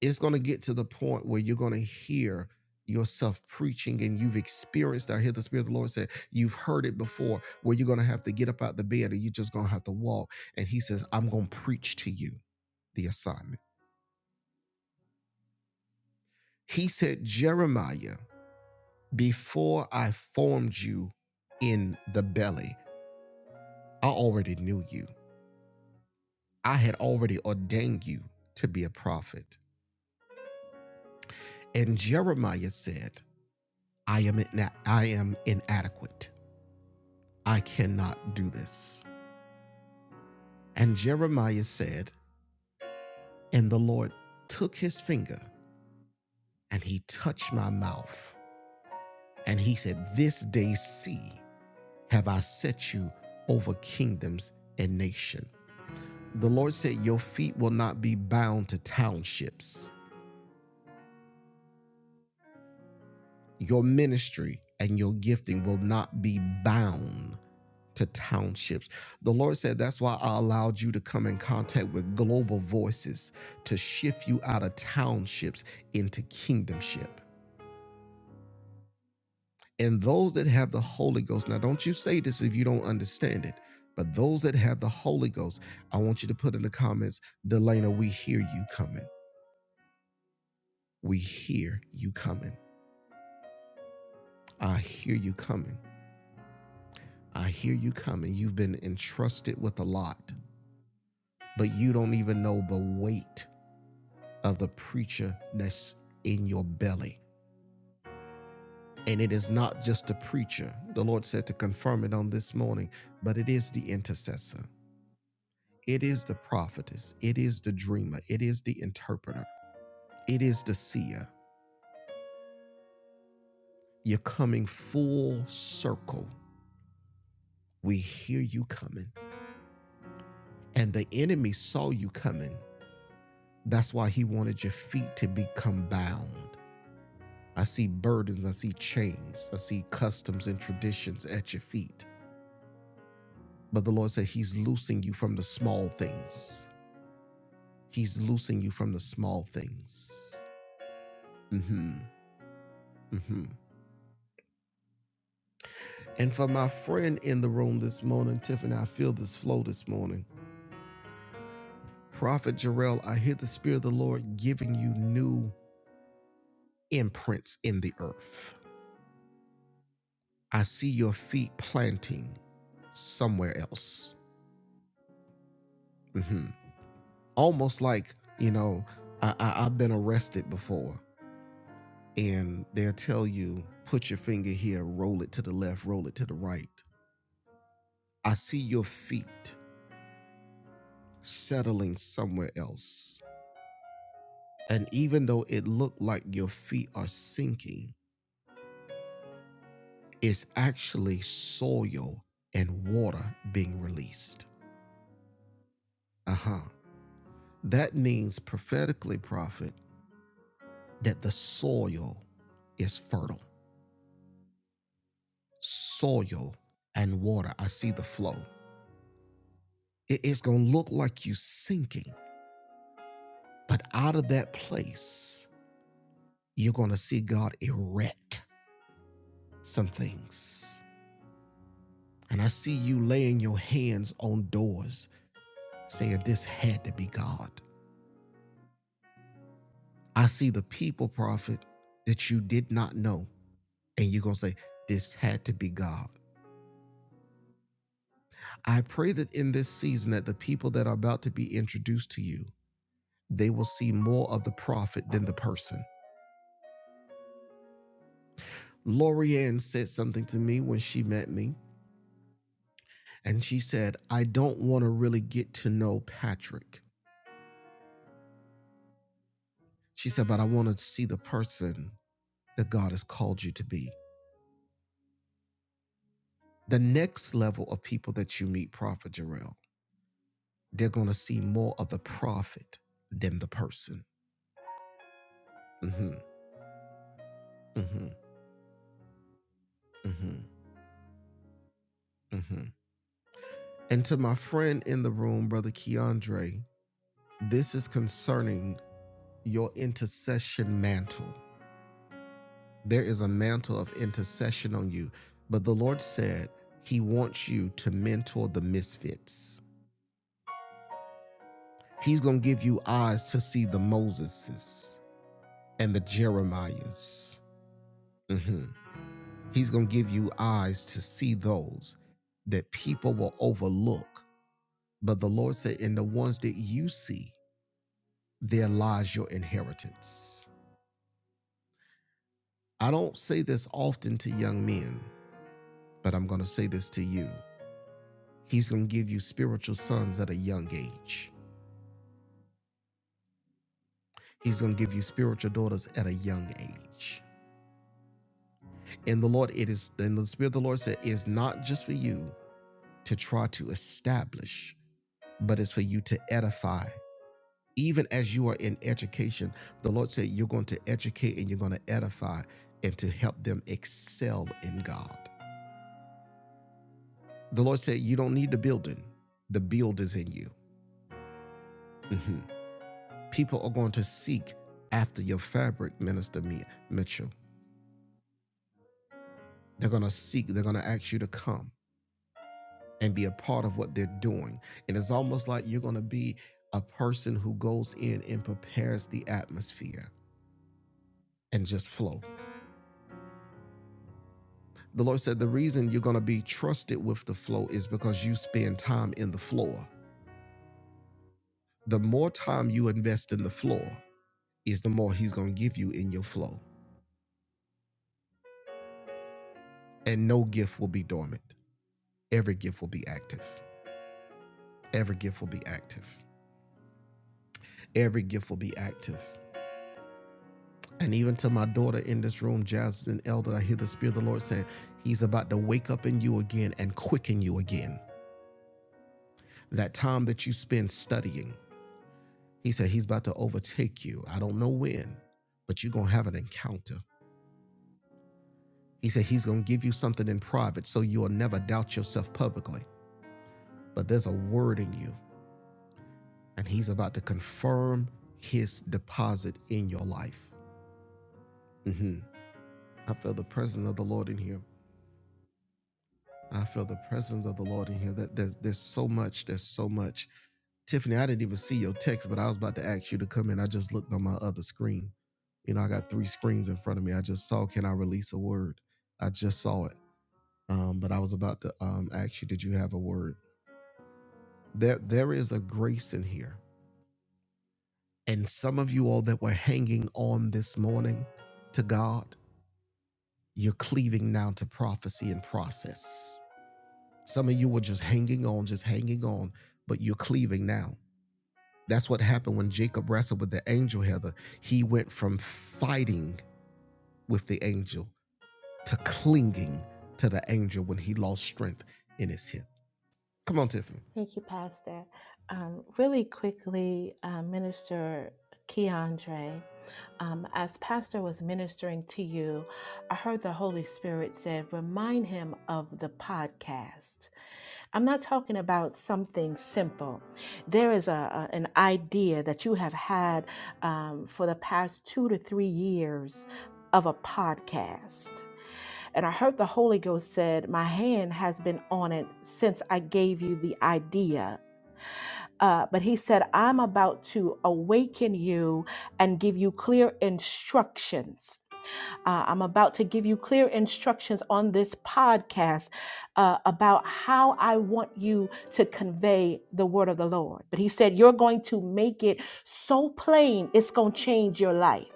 Speaker 1: It's going to get to the point where you're going to hear yourself preaching and you've experienced, I hear the Spirit of the Lord say, you've heard it before, where you're going to have to get up out the bed and you're just going to have to walk. And He says, I'm going to preach to you the assignment. He said, Jeremiah, before I formed you in the belly, I already knew you. I had already ordained you to be a prophet. And Jeremiah said, I am, ina- I am inadequate. I cannot do this. And Jeremiah said, And the Lord took his finger and he touched my mouth. And he said, This day see, have I set you over kingdoms and nations? The Lord said, Your feet will not be bound to townships. Your ministry and your gifting will not be bound to townships. The Lord said, That's why I allowed you to come in contact with global voices to shift you out of townships into kingdomship. And those that have the Holy Ghost, now don't you say this if you don't understand it, but those that have the Holy Ghost, I want you to put in the comments, Delana, we hear you coming. We hear you coming. I hear you coming. I hear you coming. You've been entrusted with a lot, but you don't even know the weight of the preacher that's in your belly. And it is not just the preacher, the Lord said to confirm it on this morning, but it is the intercessor, it is the prophetess, it is the dreamer, it is the interpreter, it is the seer. You're coming full circle. We hear you coming. And the enemy saw you coming. That's why he wanted your feet to become bound. I see burdens, I see chains, I see customs and traditions at your feet. But the Lord said, He's loosing you from the small things. He's loosing you from the small things. hmm hmm And for my friend in the room this morning, Tiffany, I feel this flow this morning. Prophet Jarrell, I hear the Spirit of the Lord giving you new imprints in the earth. I see your feet planting somewhere else. hmm Almost like, you know, I, I, I've been arrested before and they'll tell you, put your finger here, roll it to the left, roll it to the right. I see your feet settling somewhere else. And even though it looked like your feet are sinking, it's actually soil and water being released. Uh huh. That means prophetically, prophet, that the soil is fertile. Soil and water. I see the flow. It's going to look like you sinking But out of that place, you're going to see God erect some things. And I see you laying your hands on doors saying, This had to be God. I see the people, prophet, that you did not know. And you're going to say, This had to be God. I pray that in this season that the people that are about to be introduced to you, they will see more of the prophet than the person. Lorianne said something to me when she met me And she said, I don't want to really get to know Patrick. She said, but I want to see the person that God has called you to be. The next level of people that you meet, Prophet Jarrell, they're going to see more of the prophet than the person. hmm hmm hmm hmm And to my friend in the room, Brother Keandre, this is concerning your intercession mantle. There is a mantle of intercession on you. But the Lord said He wants you to mentor the misfits. He's going to give you eyes to see the Moseses and the Jeremiahs. Mhm. He's going to give you eyes to see those that people will overlook. But the Lord said, in the ones that you see, there lies your inheritance. I don't say this often to young men, but I'm going to say this to you. He's going to give you spiritual sons at a young age. He's going to give you spiritual daughters at a young age. And the Lord, it is, and the Spirit of the Lord said, is not just for you to try to establish, but it's for you to edify. Even as you are in education, the Lord said, you're going to educate and you're going to edify and to help them excel in God. The Lord said, you don't need the building, the build is in you. Mhm. People are going to seek after your fabric, Minister Mia Mitchell They're going to seek, they're going to ask you to come and be a part of what they're doing. And it's almost like you're going to be a person who goes in and prepares the atmosphere and just flow. The Lord said the reason you're going to be trusted with the flow is because you spend time in the floor. The more time you invest in the floor is the more he's going to give you in your flow. And no gift will be dormant. Every gift will be active. Every gift will be active. Every gift will be active. And even to my daughter in this room, Jasmine Elder, I hear the Spirit of the Lord saying, He's about to wake up in you again and quicken you again. That time that you spend studying, He said, He's about to overtake you. I don't know when, but you're going to have an encounter. He said, He's going to give you something in private so you'll never doubt yourself publicly. But there's a word in you, and He's about to confirm His deposit in your life. hmm I feel the presence of the Lord in here. I feel the presence of the Lord in here. That there's there's so much. There's so much. Tiffany, I didn't even see your text, but I was about to ask you to come in. I just looked on my other screen. You know, I got three screens in front of me. I just saw, can I release a word? I just saw it. Um, but I was about to um, ask you, did you have a word? There, there is a grace in here. And some of you all that were hanging on this morning to God, you're cleaving now to prophecy and process Some of you were just hanging on, just hanging on, but you're cleaving now. That's what happened when Jacob wrestled with the angel, Heather. He went from fighting with the angel to clinging to the angel when he lost strength in his hip. Come on, Tiffany.
Speaker 2: Thank you, Pastor. Um, really quickly, uh, Minister Keandre, um, as Pastor was ministering to you, I heard the Holy Spirit said, remind him of the podcast. I'm not talking about something simple. There is a, a- an idea that you have had um, for the past two to three years of a podcast. And I heard the Holy Ghost said, My hand has been on it since I gave you the idea uh, but he said, I'm about to awaken you and give you clear instructions uh, I'm about to give you clear instructions on this podcast uh, about how I want you to convey the word of the Lord. But he said, You're going to make it so plain, it's going to change your life.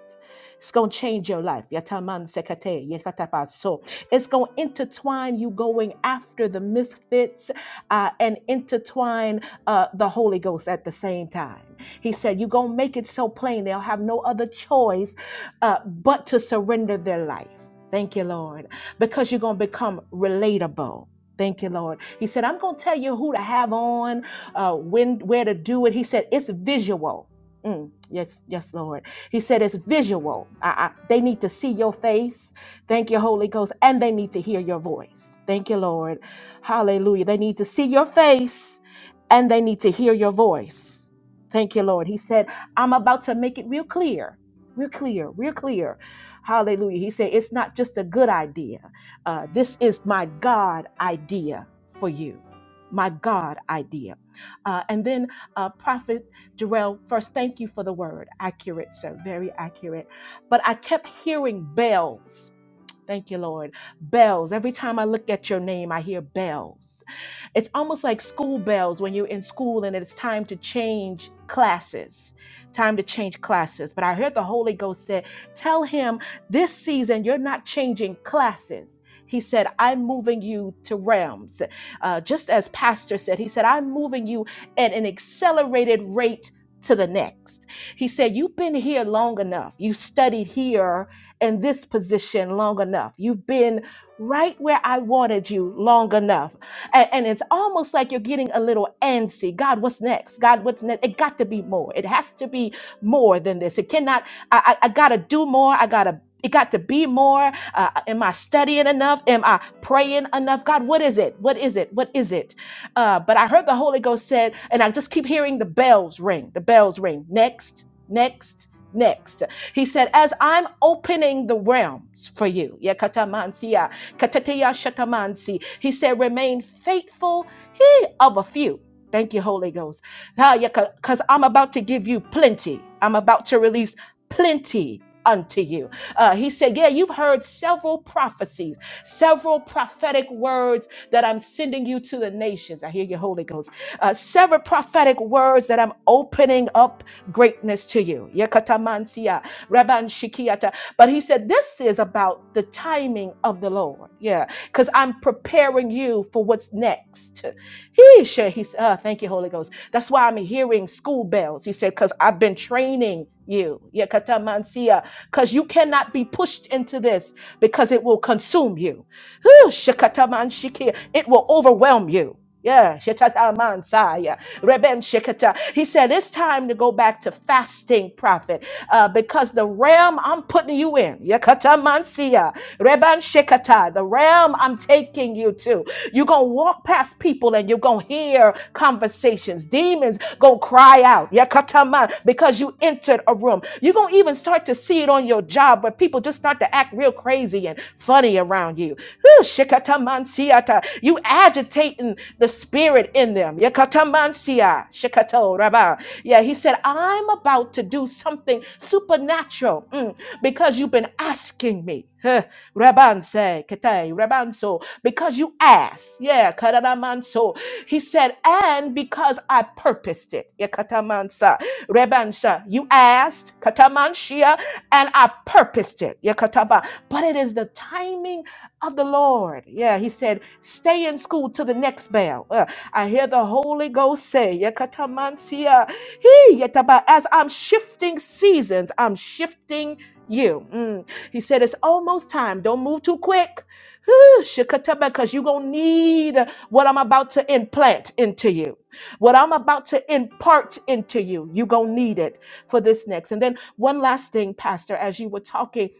Speaker 2: It's going to change your life. Yataman sekate, yekatapa. So it's going to intertwine you going after the misfits uh, and intertwine uh, the Holy Ghost at the same time. He said, You're going to make it so plain, they'll have no other choice uh, but to surrender their life. Thank you, Lord, because you're going to become relatable. Thank you, Lord. He said, I'm going to tell you who to have on, uh, when, where to do it. He said, it's visual. Mm, yes, yes, Lord. He said, it's visual. I, I, they need to see your face. Thank you, Holy Ghost. And they need to hear your voice. Thank you, Lord. Hallelujah. They need to see your face and they need to hear your voice. Thank you, Lord. He said, I'm about to make it real clear we're clear. We're clear. Hallelujah. He said, it's not just a good idea. Uh, this is my God idea for you. My God idea. Uh, and then uh, Prophet Jarrell, first, thank you for the word. Accurate, sir. Very accurate. But I kept hearing bells Thank you, Lord. Bells. Every time I look at your name, I hear bells. It's almost like school bells when you're in school and it's time to change classes. Time to change classes. But I heard the Holy Ghost said, Tell him this season you're not changing classes. He said, I'm moving you to realms. Uh, just as Pastor said, he said, I'm moving you at an accelerated rate to the next. He said, You've been here long enough. You studied here in this position long enough. You've been right where I wanted you long enough. And, and it's almost like you're getting a little antsy. God, what's next? God, what's next? It got to be more. It has to be more than this. It cannot, I, I, I got to do more. I got to. It got to be more. Uh, am I studying enough? Am I praying enough? God, what is it? What is it? What is it? Uh, but I heard the Holy Ghost said, and I just keep hearing the bells ring, the bells ring. Next, next, next. He said, As I'm opening the realms for you, Yakatamansia, Katateya Shatamansi, he said, Remain faithful he, of a few. Thank you, Holy Ghost. Because I'm about to give you plenty. I'm about to release plenty unto you. Uh, he said, Yeah, you've heard several prophecies, several prophetic words that I'm sending you to the nations. I hear you, Holy Ghost. Uh, several prophetic words that I'm opening up greatness to you. Yekatamansia, Rabban Shikiata. But he said, This is about the timing of the Lord. Yeah, because I'm preparing you for what's next. He said, he said, oh, Thank you, Holy Ghost. That's why I'm hearing school bells. He said, Because I've been training you. Yekatamansia, Because you cannot be pushed into this because it will consume you. Whew, shikataman shiki. It will overwhelm you. Yeah, shitataman saya. Reben shikata. He said it's time to go back to fasting, prophet, uh, because the realm I'm putting you in, yakataman siya, reban shikata, the realm I'm taking you to. You're gonna walk past people and you're gonna hear conversations. Demons gonna cry eye out. Yakatama, because you entered a room. You're going to even start to see it on your job where people just start to act real crazy and funny around you. Whew, shikatamansiata. You agitating the spirit in them. Yakatamansia, shikato raba. Yeah, he said, I'm about to do something supernatural mm, because you've been asking me. Huh. Rabanse, kete, rabanso, because you asked. Yeah, kararamanso. He said, and because I purposed it. Yeah, katamansa, rebansa. You asked, katamanshia, and I purposed it. Yeah, kataba. But it is the timing of the Lord. Yeah, he said, stay in school till the next bell. Uh, I hear the Holy Ghost say, yeah, katamansia. He, yeah, taba. as I'm shifting seasons, I'm shifting you. Mm. He said, It's almost time. Don't move too quick. Whew, Shikataba, because you're going to need what I'm about to implant into you, what I'm about to impart into you. You're going to need it for this next. And then, one last thing, Pastor, as you were talking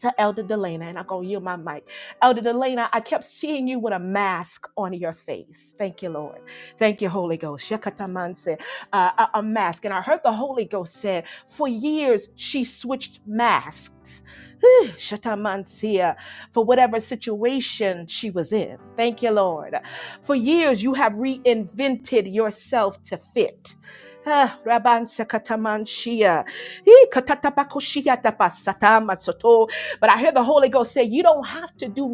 Speaker 2: to Elder Delana, and I'm going to yield my mic. Elder Delana, I kept seeing you with a mask on your face. Thank you, Lord. Thank you, Holy Ghost. Shekatamanse, uh, a, a mask. And I heard the Holy Ghost said, for years, she switched masks. Whew, Shatamansia, For whatever situation she was in. Thank you, Lord. For years, you have reinvented yourself to fit. Ah, Rabansa Katamanshia. Hi, katatapakoshia tapasatamatsoto. But I hear the Holy Ghost say, You don't have to do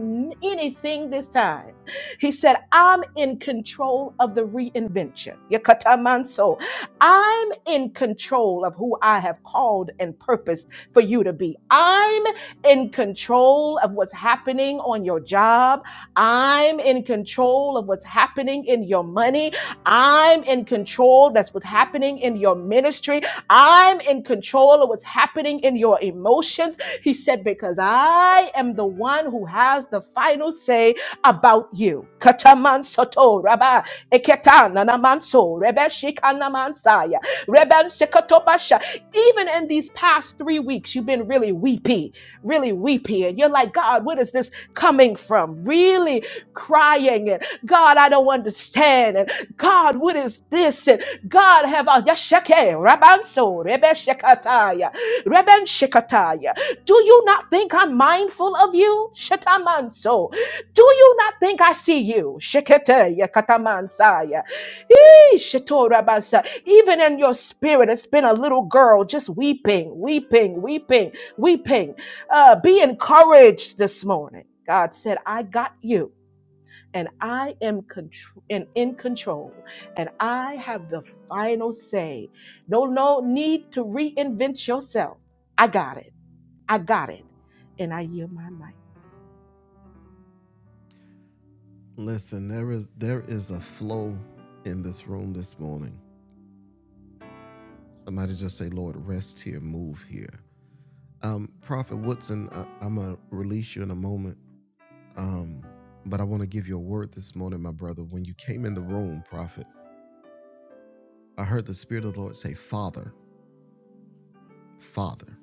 Speaker 2: anything this time. He said, I'm in control of the reinvention. Yakatamanso. I'm in control of who I have called and purposed for you to be. I'm in control of what's happening on your job. I'm in control of what's happening in your money. I'm in control. That's what's happening in your ministry. I'm in control of what's happening in your emotions. He said, Because I am the one who has the final say about you. Kataman soto raba eketan nanamanso rebe Reben Sekotobasha. Even in these past three weeks, you've been really weepy, really weepy. And you're like, God, what is this coming from? Really crying. And God, I don't understand. And God, what is this? And God, have I, Yashake, Rabanso, Rebe Shekataya, Reben Shekataya. Do you not think I'm mindful of you? Shetamanso. Do you not think I see you? Shekete, Yakatamansaya. Even in your spirit, it's been a little girl just weeping, weeping, weeping, weeping. Uh, be encouraged this morning. God said, I got you. And I am contr- and in control, and I have the final say. No, no need to reinvent yourself. I got it. I got it. And I yield my mic.
Speaker 1: Listen, there is there is a flow in this room this morning. Somebody just say, "Lord, rest here, move here." Um, Prophet Woodson, I, I'm gonna release you in a moment. Um, but I want to give you a word this morning, my brother. When you came in the room, prophet, I heard the Spirit of the Lord say, Father, Father.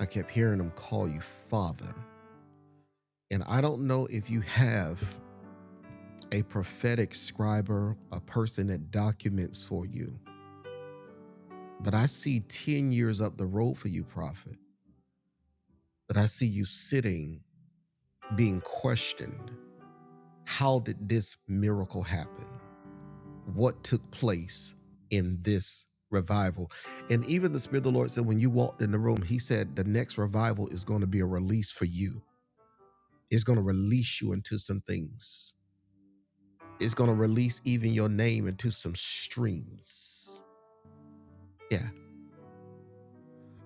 Speaker 1: I kept hearing him call you Father. And I don't know if you have a prophetic scribe, a person that documents for you, but I see 10 years up the road for you, prophet, that I see you sitting, being questioned. How did this miracle happen? what took place in this revival. And even the Spirit of the Lord said, when you walked in the room, He said, the next revival is going to be a release for you. It's going to release you into some things, it's going to release even your name into some strings. Yeah.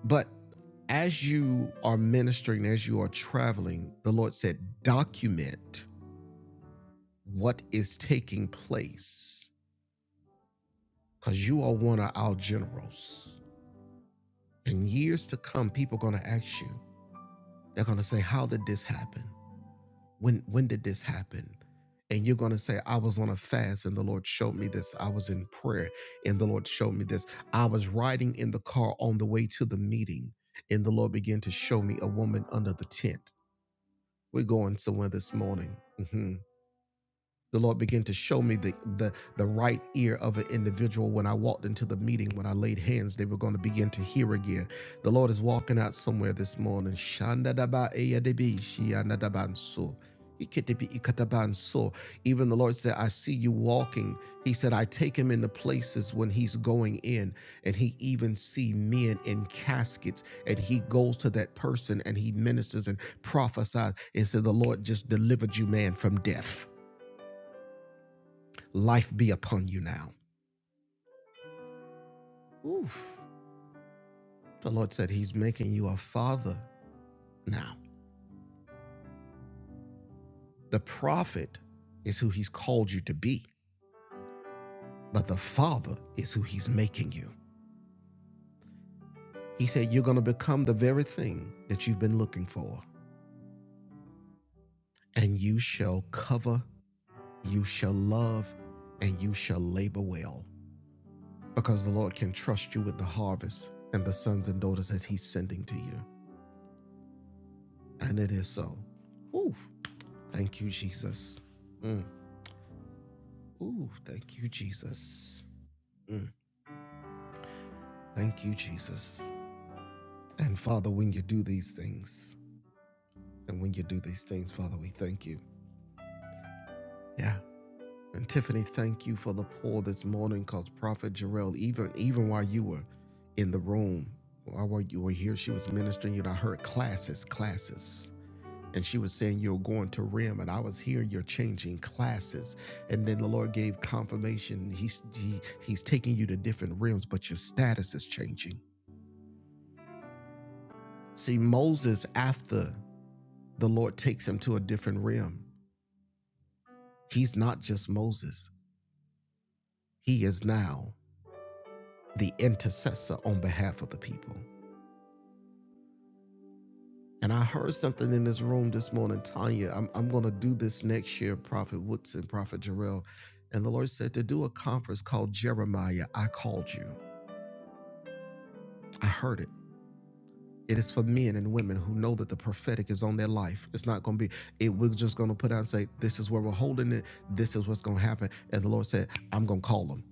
Speaker 1: But as you are ministering, as you are traveling, the Lord said, document what is taking place because you are one of our generals. In years to come, people are going to ask you. They're going to say, How did this happen? When, when did this happen? And you're going to say, I was on a fast and the Lord showed me this. I was in prayer and the Lord showed me this. I was riding in the car on the way to the meeting and the Lord began to show me a woman under the tent. We're going somewhere this morning. Mm-hmm the Lord began to show me the, the the right ear of an individual when I walked into the meeting. When I laid hands, they were going to begin to hear again. The Lord is walking out somewhere this morning. Shandadabaeyadebi, shianadabanso, ikedebi ikatabanso. Even the Lord said, "I see you walking." He said, "I take him into places when he's going in, and he even see men in caskets, and he goes to that person and he ministers and prophesies." And said, "The Lord just delivered you, man, from death." Life be upon you now. Oof. The Lord said he's making you a father now. The prophet is who he's called you to be, but the father is who he's making you. He said you're going to become the very thing that you've been looking for, and you shall cover, you shall love, and you shall labor well, because the Lord can trust you with the harvest and the sons and daughters that he's sending to you. And it is so. Ooh, thank you, Jesus. Mm. Ooh, thank you, Jesus. Mm, thank you, Jesus. And Father, when you do these things, and when you do these things, Father, we thank you. Yeah. And Tiffany, thank you for the pour this morning because Prophet Jarrell, even even while you were in the room, while you were here, she was ministering you. know, I heard classes, classes. And she was saying you're going to RIM, and I was hearing you're changing classes. And then the Lord gave confirmation. He's he, He's taking you to different realms, but your status is changing See, Moses, after the Lord takes him to a different realm, he's not just Moses, he is now the intercessor on behalf of the people. And I heard something in this room this morning, Tanya. I'm, I'm going to do this next year, Prophet Woodson, Prophet Jarrell. And the Lord said to do a conference called Jeremiah, I called you. I heard it. It is for men and women who know that the prophetic is on their life. It's not going to be, it, we're just going to put out and say, this is where we're holding it. This is what's going to happen. And the Lord said, I'm going to call them.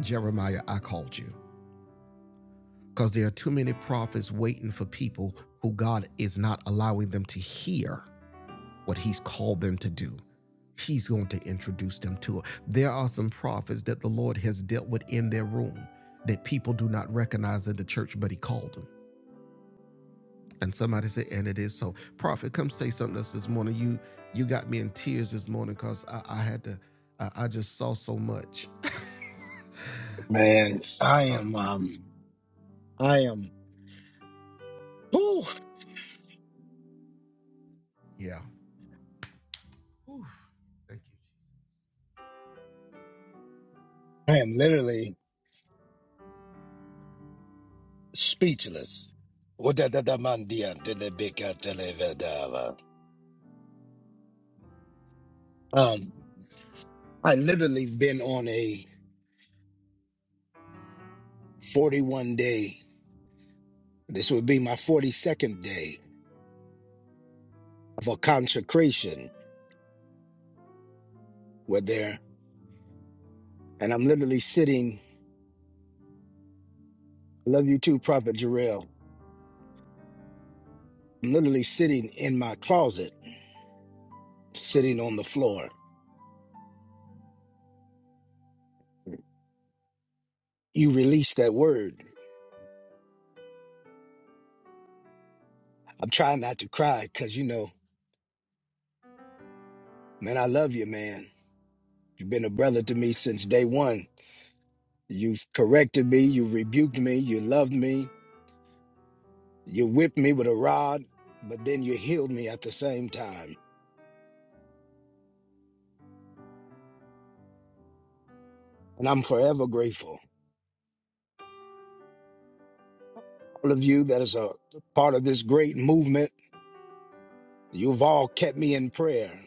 Speaker 1: Jeremiah, I called you. Because there are too many prophets waiting for people who God is not allowing them to hear what He's called them to do. He's going to introduce them to it. There are some prophets that the Lord has dealt with in their room that people do not recognize in the church, but He called them. And somebody said, and it is so. Prophet, come say something to us this morning. You you got me in tears this morning because I, I had to, I, I just saw so much.
Speaker 9: Man, I
Speaker 1: Oh,
Speaker 9: am um I am whew,
Speaker 1: yeah. Oof. Thank you.
Speaker 9: I am literally speechless. Wadadadamandia delebekatelevadava. Um I literally been on a 41 day this would be my 42nd day of a consecration where there and I'm literally sitting I love you too, Prophet Jarrell. I'm literally sitting in my closet, sitting on the floor. You released that word. I'm trying not to cry because you know Man, I love you, man. You've been a brother to me since day one. You've corrected me, you rebuked me, you loved me, you whipped me with a rod, but then you healed me at the same time. And I'm forever grateful. All of you that is a part of this great movement, you've all kept me in prayer.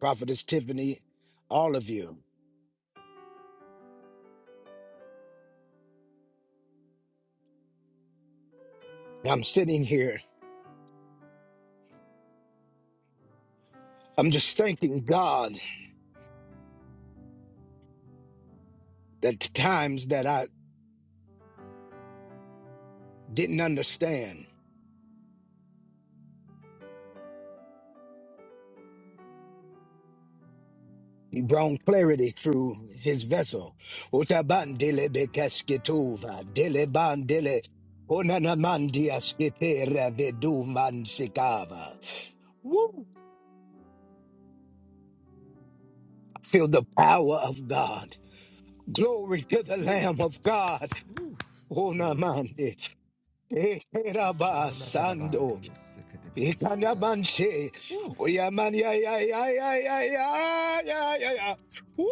Speaker 9: Prophetess Tiffany, all of you. And I'm sitting here, I'm just thanking God that the times that I didn't understand. He brought clarity through his vessel. Utabandele bekasketuva, dele bandele, onanamandia skitera veduman sikava. Woo! Feel the power of God. Glory to the
Speaker 1: Ooh,
Speaker 9: Lamb of God.
Speaker 1: ooh. Mm.
Speaker 9: Onamande.
Speaker 1: sha na
Speaker 9: Ekerabasando. Ikanamanche. Oyamania ya ya ya ya ya ya ya ya. ya. Woo!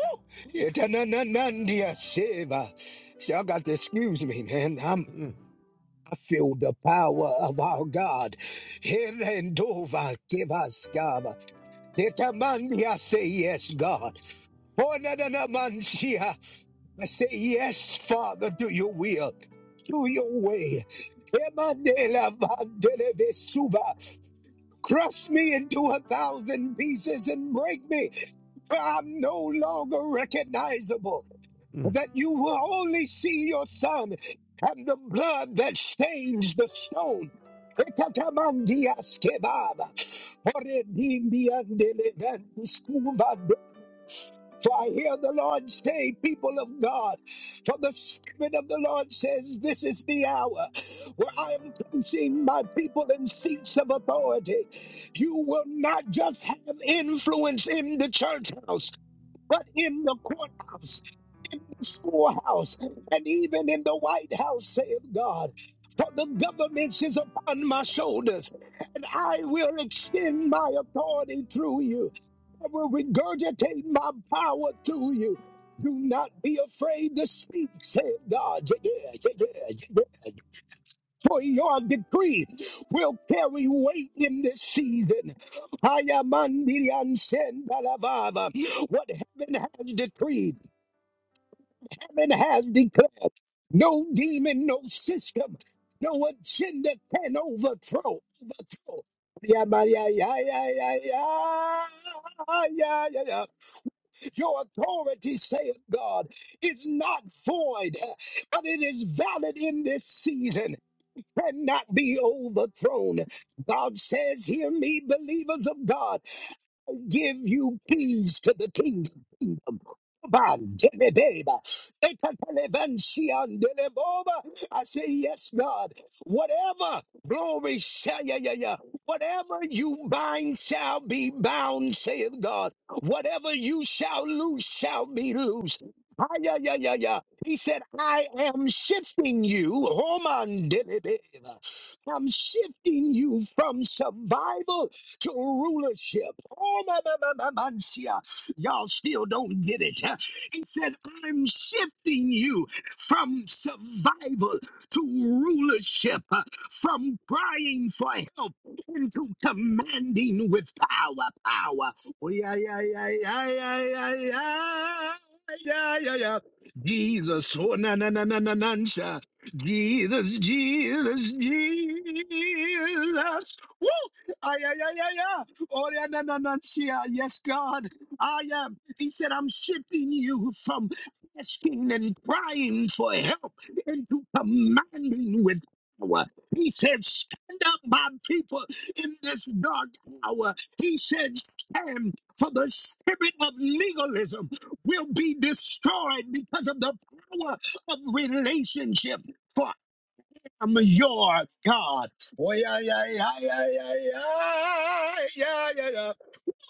Speaker 9: Yetanananandia Sheba. Y'all got to excuse me, man. I'm
Speaker 1: Mm.
Speaker 9: I feel the power of our God. Herendova kevaskava. Yetamandia say yes, God. Onananamanchia. I say yes, Father, to your will, to your way. Emandela vandele vesuba. Crush me into a thousand pieces and break me. For I'm no longer recognizable.
Speaker 1: Mm.
Speaker 9: That you will only see your son and the blood that stains the stone. Ekatamandias kebaba. Oredimbiandelevantiskuba for I hear the Lord say, people of God, for the Spirit of the Lord says, this is the hour where I am placing my people in seats of authority. You will not just have influence in the church house, but in the courthouse, the schoolhouse, and even in the White House, saith God. For the government is upon my shoulders, and I will extend my authority through you. I will regurgitate my power through you. Do not be afraid to speak, said God. Yeah, yeah, yeah, yeah, yeah, yeah. For your decree will carry weight in this season. I am Andirian Sendalababa. What heaven has decreed, heaven has declared. No demon, no system, no agenda can overthrow. Overthrow. Yeah, yeah, yeah, yeah, yeah, yeah, yeah, yeah. yeah. Your authority, saith God, is not void, and it is valid in this season. Cannot be overthrown. God says, Hear me, believers of God give you keys to the kingdom. kingdom. Ban, telebeba, etatalebansiandeleboba. I say, Yes, God. Whatever, glory, sha- yeah, yeah, yeah. whatever you bind shall be bound, saith God. Whatever you shall loose shall be loosed. Ah, yeah, yeah, yeah, yeah. He said, I am shifting you. Homan delebeba. I'm shifting you from survival to rulership. Oh, my, my, my, my, my, shia. y'all still don't get it. huh? He said, I'm shifting you from survival to rulership, uh, from crying for help into commanding with power. Power. Oh, yeah, yeah, yeah, yeah, yeah, yeah, yeah. Yeah, yeah, yeah. Jesus, oh na na na na na na, sha. Jesus, Jesus, Jesus. Woo! Ay, ay, ay, ay, ay. Oh, yeah, na, na, na, shia. Yes, God. I am. He said, I'm shifting you from asking and crying for help into commanding with power. He said, Stand up, my people, in this dark hour. He said, Stand, for the spirit of legalism will be destroyed because of the power of relationship. For I'm your God. Oh, yeah, yeah, yeah, yeah, yeah, yeah, yeah, yeah, yeah.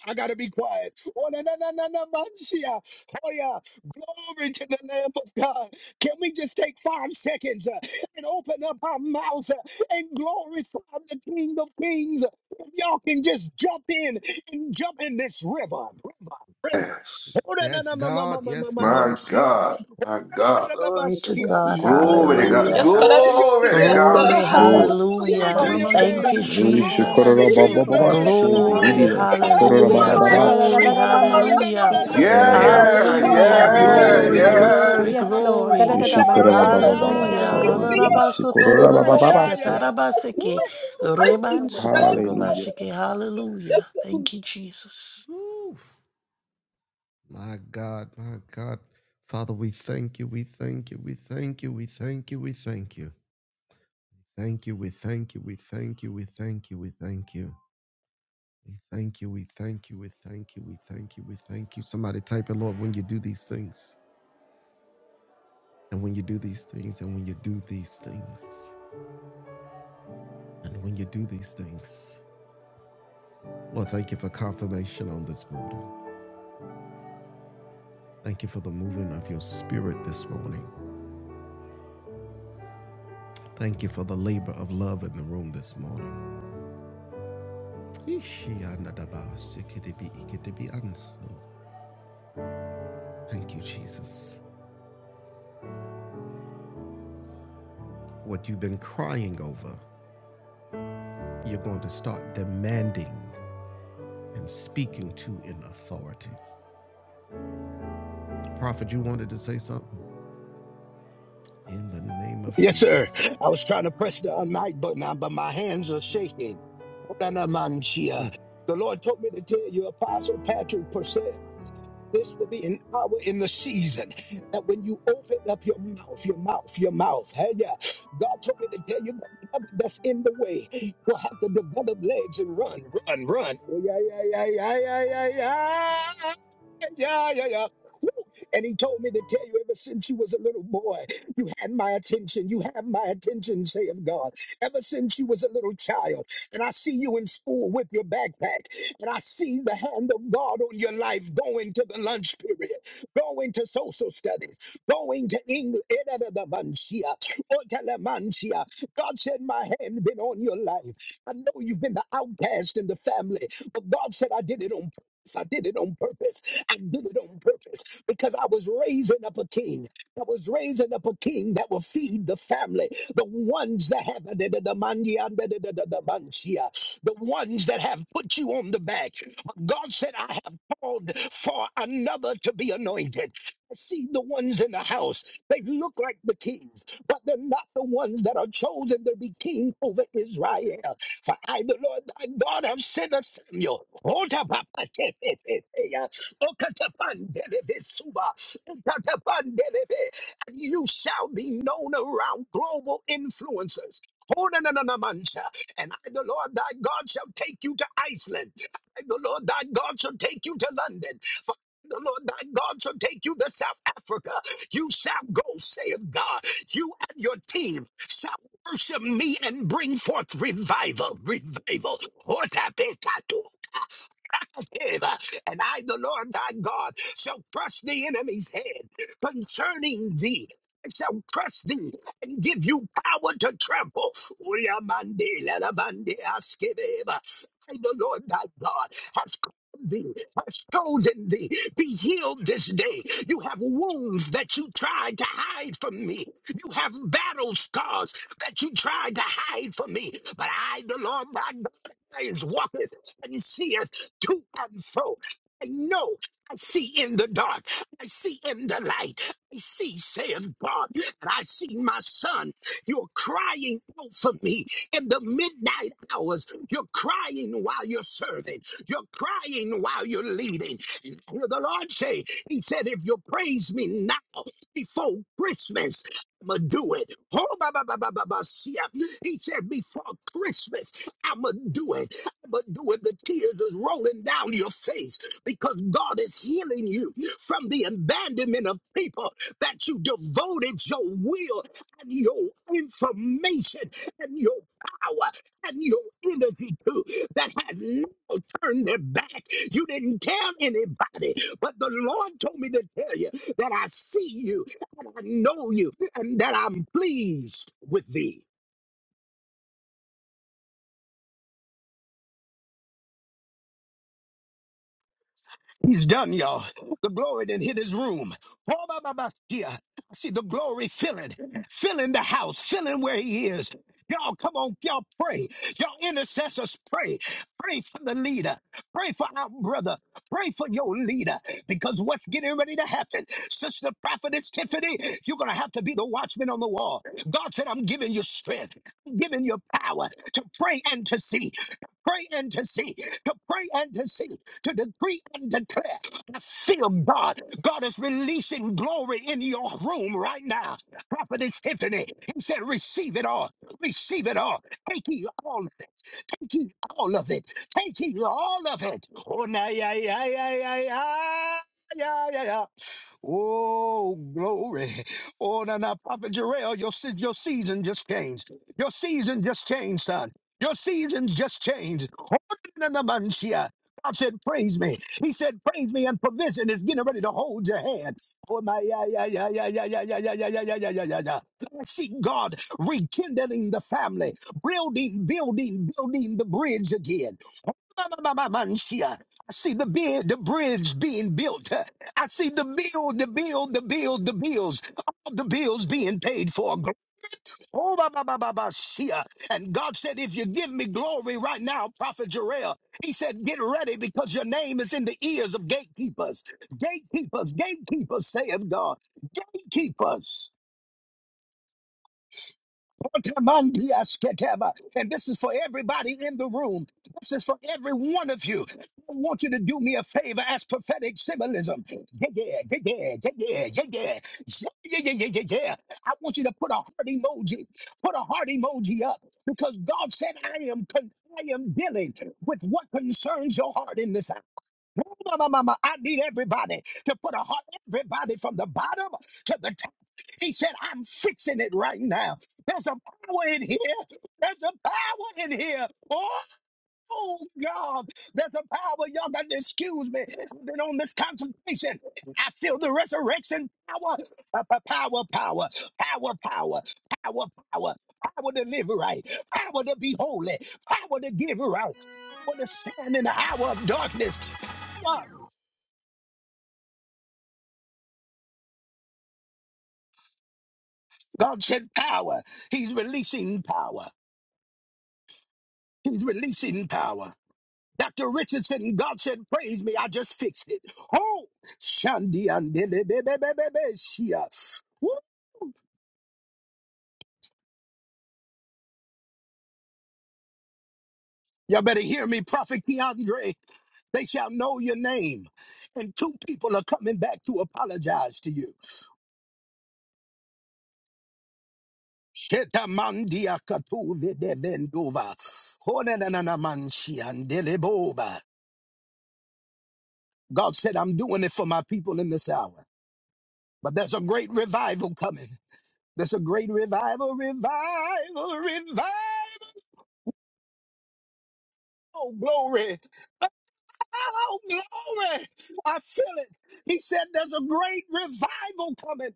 Speaker 9: I gotta be quiet. Oh, na, na, na, na, na, man, yeah. oh yeah, glory to the Lamb of God. Can we just take five seconds uh, and open up our mouths uh, and glorify the King of Kings? If y'all can just jump in and jump in this river, river, river.
Speaker 3: Yes,
Speaker 9: Oh, na, na,
Speaker 1: Yes,
Speaker 9: na, na, na, na,
Speaker 1: God.
Speaker 9: na, na,
Speaker 1: Yes,
Speaker 9: na, man,
Speaker 3: my
Speaker 1: God.
Speaker 9: yeah.
Speaker 3: God, my God,
Speaker 6: Glory to
Speaker 5: Yes,
Speaker 6: God.
Speaker 3: glory to
Speaker 9: Oh,
Speaker 3: God,
Speaker 5: Yes,
Speaker 6: Hallelujah.
Speaker 4: Yes, sir.
Speaker 9: glory to your
Speaker 3: glory to
Speaker 9: name.
Speaker 4: Yes,
Speaker 7: Yes,
Speaker 3: God.
Speaker 4: sir.
Speaker 6: Glory,
Speaker 9: Glory.
Speaker 7: Lord.
Speaker 4: Hallelujah.
Speaker 9: Glory
Speaker 4: sir.
Speaker 6: hallelujah.
Speaker 9: to your
Speaker 7: Yes,
Speaker 4: Yes,
Speaker 6: Thank
Speaker 4: sir.
Speaker 9: name,
Speaker 6: you,
Speaker 2: Hallelujah.
Speaker 6: Jesus.
Speaker 2: Yadadaban
Speaker 9: glory to your
Speaker 2: soto
Speaker 7: Ishikarababababash.
Speaker 4: Jesus.
Speaker 2: bako
Speaker 9: name.
Speaker 6: Glory,
Speaker 2: shaya.
Speaker 9: Oh, na na na na,
Speaker 4: Hallelujah.
Speaker 6: hallelujah.
Speaker 9: mancha.
Speaker 6: Glory,
Speaker 4: Yes, sir.
Speaker 9: Oh, na
Speaker 2: Yeketatararararaman
Speaker 4: Yes,
Speaker 9: na na
Speaker 4: sir.
Speaker 6: hallelujah.
Speaker 9: na,
Speaker 2: siya.
Speaker 9: yeah yeah
Speaker 3: Yeah,
Speaker 9: yeah.
Speaker 4: Yes, sir.
Speaker 2: Yeladabako
Speaker 7: Yes,
Speaker 3: yeah,
Speaker 6: Hallelujah.
Speaker 4: Yes,
Speaker 2: shataban
Speaker 9: Glory
Speaker 4: sir.
Speaker 9: to your
Speaker 3: yeah,
Speaker 2: so.
Speaker 6: Glory,
Speaker 9: name.
Speaker 7: yes.
Speaker 3: yeah.
Speaker 6: glory,
Speaker 9: Oh,
Speaker 2: Yes,
Speaker 9: yeah yeah
Speaker 2: Lord.
Speaker 6: glory.
Speaker 9: yeah
Speaker 2: Yadadaban
Speaker 9: yeah
Speaker 2: so. Thank you,
Speaker 6: Hallelujah.
Speaker 9: yeah
Speaker 4: Yes,
Speaker 2: Lord.
Speaker 9: yeah yeah yeah. yeah. Woo.
Speaker 6: Rorarabasotororoboshikatarabaseke.
Speaker 9: Oh, na, na, na.
Speaker 4: sir.
Speaker 6: Rebansukutorobashike.
Speaker 4: Yes, sir.
Speaker 6: Hallelujah.
Speaker 4: Yes, sir.
Speaker 6: Thank you, Jesus.
Speaker 1: Oof. My God. My God. Father, we thank you. We thank you. We thank you. We thank you. We thank you. Thank you. We thank you. We thank you. We thank you. We thank you. We thank you. We thank you. We thank you. We thank you. We thank you. Somebody type it, Lord, when you do these things. And when you do these things, and when you do these things, and when you do these things. Lord, thank you for confirmation on this morning. Thank you for the moving of your spirit this morning. Thank you for the labor of love in the room this morning. Thank you, Jesus. What you've been crying over. you're going to start demanding and speaking to in authority. Prophet, you wanted to say something? In the name of
Speaker 9: Yes, sir.
Speaker 1: Jesus.
Speaker 9: I was trying to press the unmic button, uh, but my hands are shaking. Oh, na na mancha.
Speaker 1: Hmm.
Speaker 9: The Lord told me to tell you, Apostle Patrick Purcell. This will be an hour in the season that when you open up your mouth, your mouth, your mouth, hey, yeah, God told me to tell you that whatever that's in the way, you'll have to develop legs and run, run, run. Oh, yeah, yeah, yeah, yeah, yeah, yeah, yeah. Yeah, yeah, yeah. And he told me to tell you ever since you was a little boy, you had my attention. You have my attention, saith God. Ever since you was a little child. And I see you in school with your backpack. And I see the hand of God on your life going to the lunch period, going to social studies, going to English. God said, My hand been on your life. I know you've been the outcast in the family, but God said, I did it on purpose. I did it on purpose. I did it on purpose because I was raising up a king. I was raising up a king that will feed the family, the ones that have the the the mandi- the the the the- the mansia, the ones that have put you on the back. But God said, "I have called for another to be anointed." I see the ones in the house; they look like the king but they're not the ones that are chosen to be king over Israel. For I, the Lord thy God, have sent a Samuel. Otapapatepepepeya, okatapandelebetsuba, okatapandelebe, And you shall be known around global influencers. Onanananamancha, And I, the Lord thy God, shall take you to Iceland. I, the Lord thy God, shall take you to London. For the Lord thy God shall take you to South Africa. You shall go, saith God. You and your team shall worship me and bring forth revival. Revival give, and I, the Lord thy God, shall crush the enemy's head concerning thee. I shall crush thee and give you power to trample. Uyamande lalabande askebeba. I, the Lord thy God, has called thee, has chosen thee. Be healed this day. You have wounds that you tried to hide from me. You have battle scars that you tried to hide from me. But I, the Lord thy God, eyes walketh and seeth to and fro. I know. I see in the dark. I see in the light. I see, saith God, and I see my son. You're crying out for me in the midnight hours. You're crying while you're serving. You're crying while you're leading. And I hear the Lord say, He said, if you praise me now before Christmas, I'ma do it. Oh, ba, ba, ba, ba, ba, ba, see ya. He said, before Christmas, I'ma do it. I'ma do it. The tears is rolling down your face because God is healing you from the abandonment of people that you devoted your will and your information and your power and your energy to that has now turned their back. You didn't tell anybody, but the Lord told me to tell you that I see you and I know you and that I'm pleased with thee. He's done, y'all. The glory didn't hit his room. Oh, my, my, my, yeah. I see the glory filling, filling the house, filling where he is. Y'all, come on, y'all pray. Y'all intercessors pray. Pray for the leader. Pray for our brother. Pray for your leader. Because what's getting ready to happen, Sister Prophetess Tiffany, you're going to have to be the watchman on the wall. God said, I'm giving you strength. I'm giving you power to pray and to see. Pray and to see. To pray and to see to decree and declare. I feel God. God is releasing glory in your room right now. Prophetess Tiffany, he said, receive it all. Receive it all. Take ye all of it. Take ye all of it. Take ye all of it. Oh, na, yeah, yeah, yeah, yeah, yeah. Yeah, yeah, yeah. Oh, glory. Oh, now, now Prophet Jarrell, your, se- your season just changed. Your season just changed, son. Your season just changed. Oh, na- na- man, shia. God said, praise me. He said, praise me, and provision is getting ready to hold your hand. Oh, my, yeah, yeah, yeah, yeah, yeah, yeah, yeah, yeah, yeah, yeah, yeah, yeah, yeah, yeah. I see God rekindling the family, building, building, building the bridge again. I see the bid, the bridge being built. I see the bill, the bill, the bill, the bills, all the bills being paid for. Oh, ba, ba, ba, ba, ba, see And God said, if you give me glory right now, Prophet Jarrell, he said, get ready because your name is in the ears of gatekeepers. Gatekeepers, gatekeepers, saith God. Gatekeepers. Otamandiasketeba. And this is for everybody in the room. This is for every one of you. I want you to do me a favor as prophetic symbolism. Yeah, yeah, yeah, yeah, yeah, yeah, yeah, yeah, yeah, yeah, yeah, yeah. yeah, yeah. I want you to put a heart emoji. Put a heart emoji up because God said, "I am con- I am dealing with what concerns your heart in this hour." Mama, mama, I need everybody to put a heart, everybody from the bottom to the top. He said, I'm fixing it right now. There's a power in here. There's a power in here. Oh, God. There's a power. Y'all got to excuse me. I've been on this concentration. I feel the resurrection power. Pa- pa- Power, power, power, power, power, power, power to live right, power to be holy, power to give right, power to stand in the hour of darkness, God said power. He's releasing power. He's releasing power. Dr. Richardson, God said, praise me. I just fixed it. Oh, Shandi Shia. Y'all better hear me, Prophet Keandre. They shall know your name. And two people are coming back to apologize to you. Shetamandia katuve de vendova. Honenananamanshi andeleboba. God said, I'm doing it for my people in this hour. But there's a great revival coming. There's a great revival, revival, revival. Oh, glory. Oh, glory. I feel it. He said there's a great revival coming.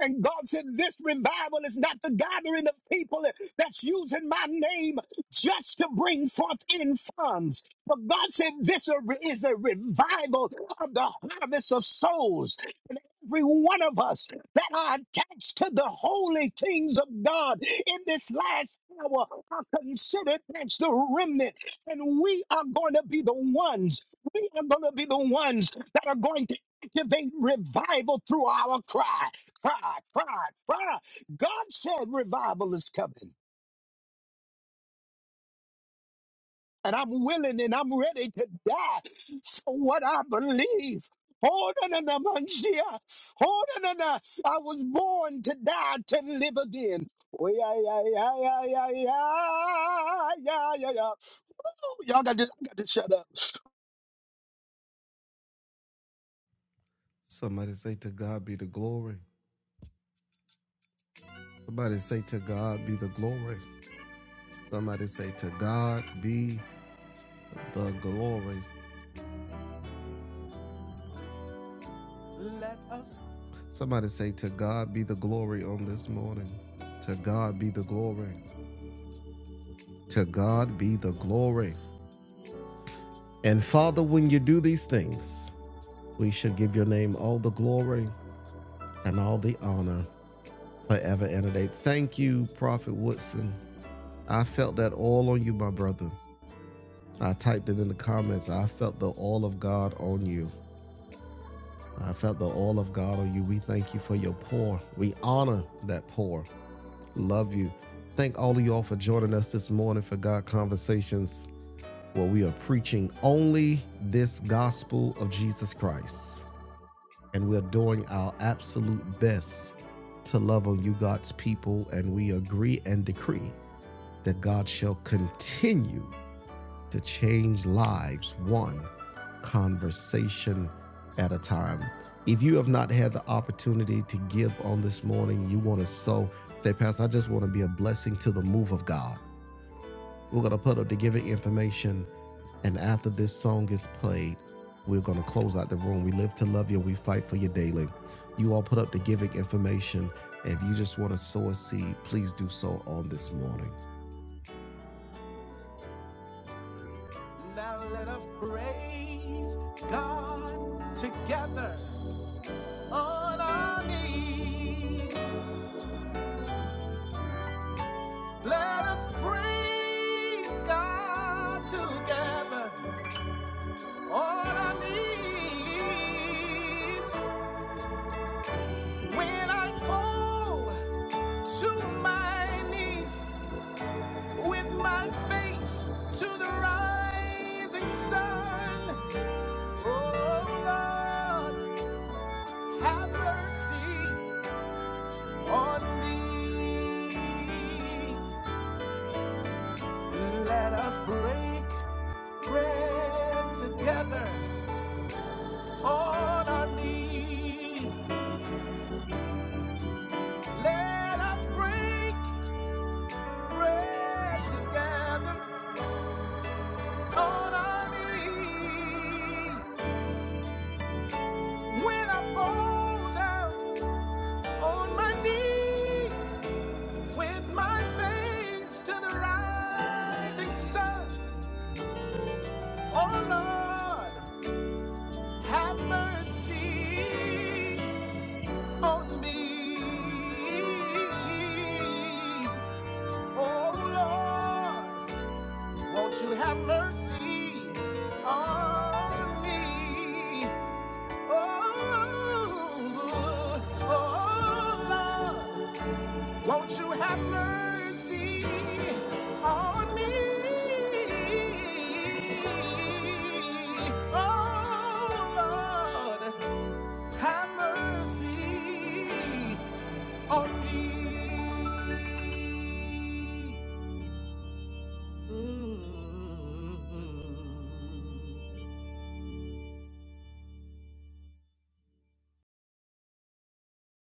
Speaker 9: And God said, This revival is not the gathering of people that's using my name just to bring forth in funds. But God said, This is a revival of the harvest of souls. And every one of us that are attached to the holy things of God in this last hour are considered as the remnant. And we are going to be the ones, we are going to be the ones that are going to activate revival through our cry pride, pride, pride. God said revival is coming, and I'm willing and I'm ready to die for what I believe. Oh, no, no, no, man, yeah. Oh, no, no, no. I was born to die to live again. Oh, yeah, yeah, yeah, yeah, yeah, yeah, yeah, yeah, yeah. Ooh, y'all got to, got to shut up.
Speaker 1: Somebody say, To God be the glory. Somebody say, To God be the glory. Somebody say, To God be the glory. Somebody say, To God be the glory on this morning. To God be the glory. To God be the glory. And Father, when you do these things, we shall give your name all the glory and all the honor forever and a day. Thank you, Prophet Woodson. I felt that all on you, my brother. I typed it in the comments. I felt the all of God on you. I felt the all of God on you. We thank you for your pour. We honor that pour. Love you. Thank all of y'all for joining us this morning for God Conversations, where we are preaching only this gospel of Jesus Christ. and we're doing our absolute best to love on you, God's people. And we agree and decree that God shall continue to change lives one conversation at a time. If you have not had the opportunity to give on this morning, you want to sow, say, Pastor, I just want to be a blessing to the move of God. We're going to put up the giving information. And after this song is played, we're going to close out the room. We live to love you. We fight for you daily. You all put up the giving information. If you just want to sow a seed, please do so on this morning. Now let us praise God together. Let us praise God together. All I need when I fall. to my knees with my face to the rising sun. Oh Lord, have mercy on me. Let us break bread together on our knees. Let us break bread together on our knees. When I fall down, On my knee, with my face to the rising sun. Oh Lord, have mercy on me. Oh Lord, won't you have mercy on me? Oh, oh Lord. Won't you have mercy on me? Oh Lord, have mercy on me. Mm-hmm.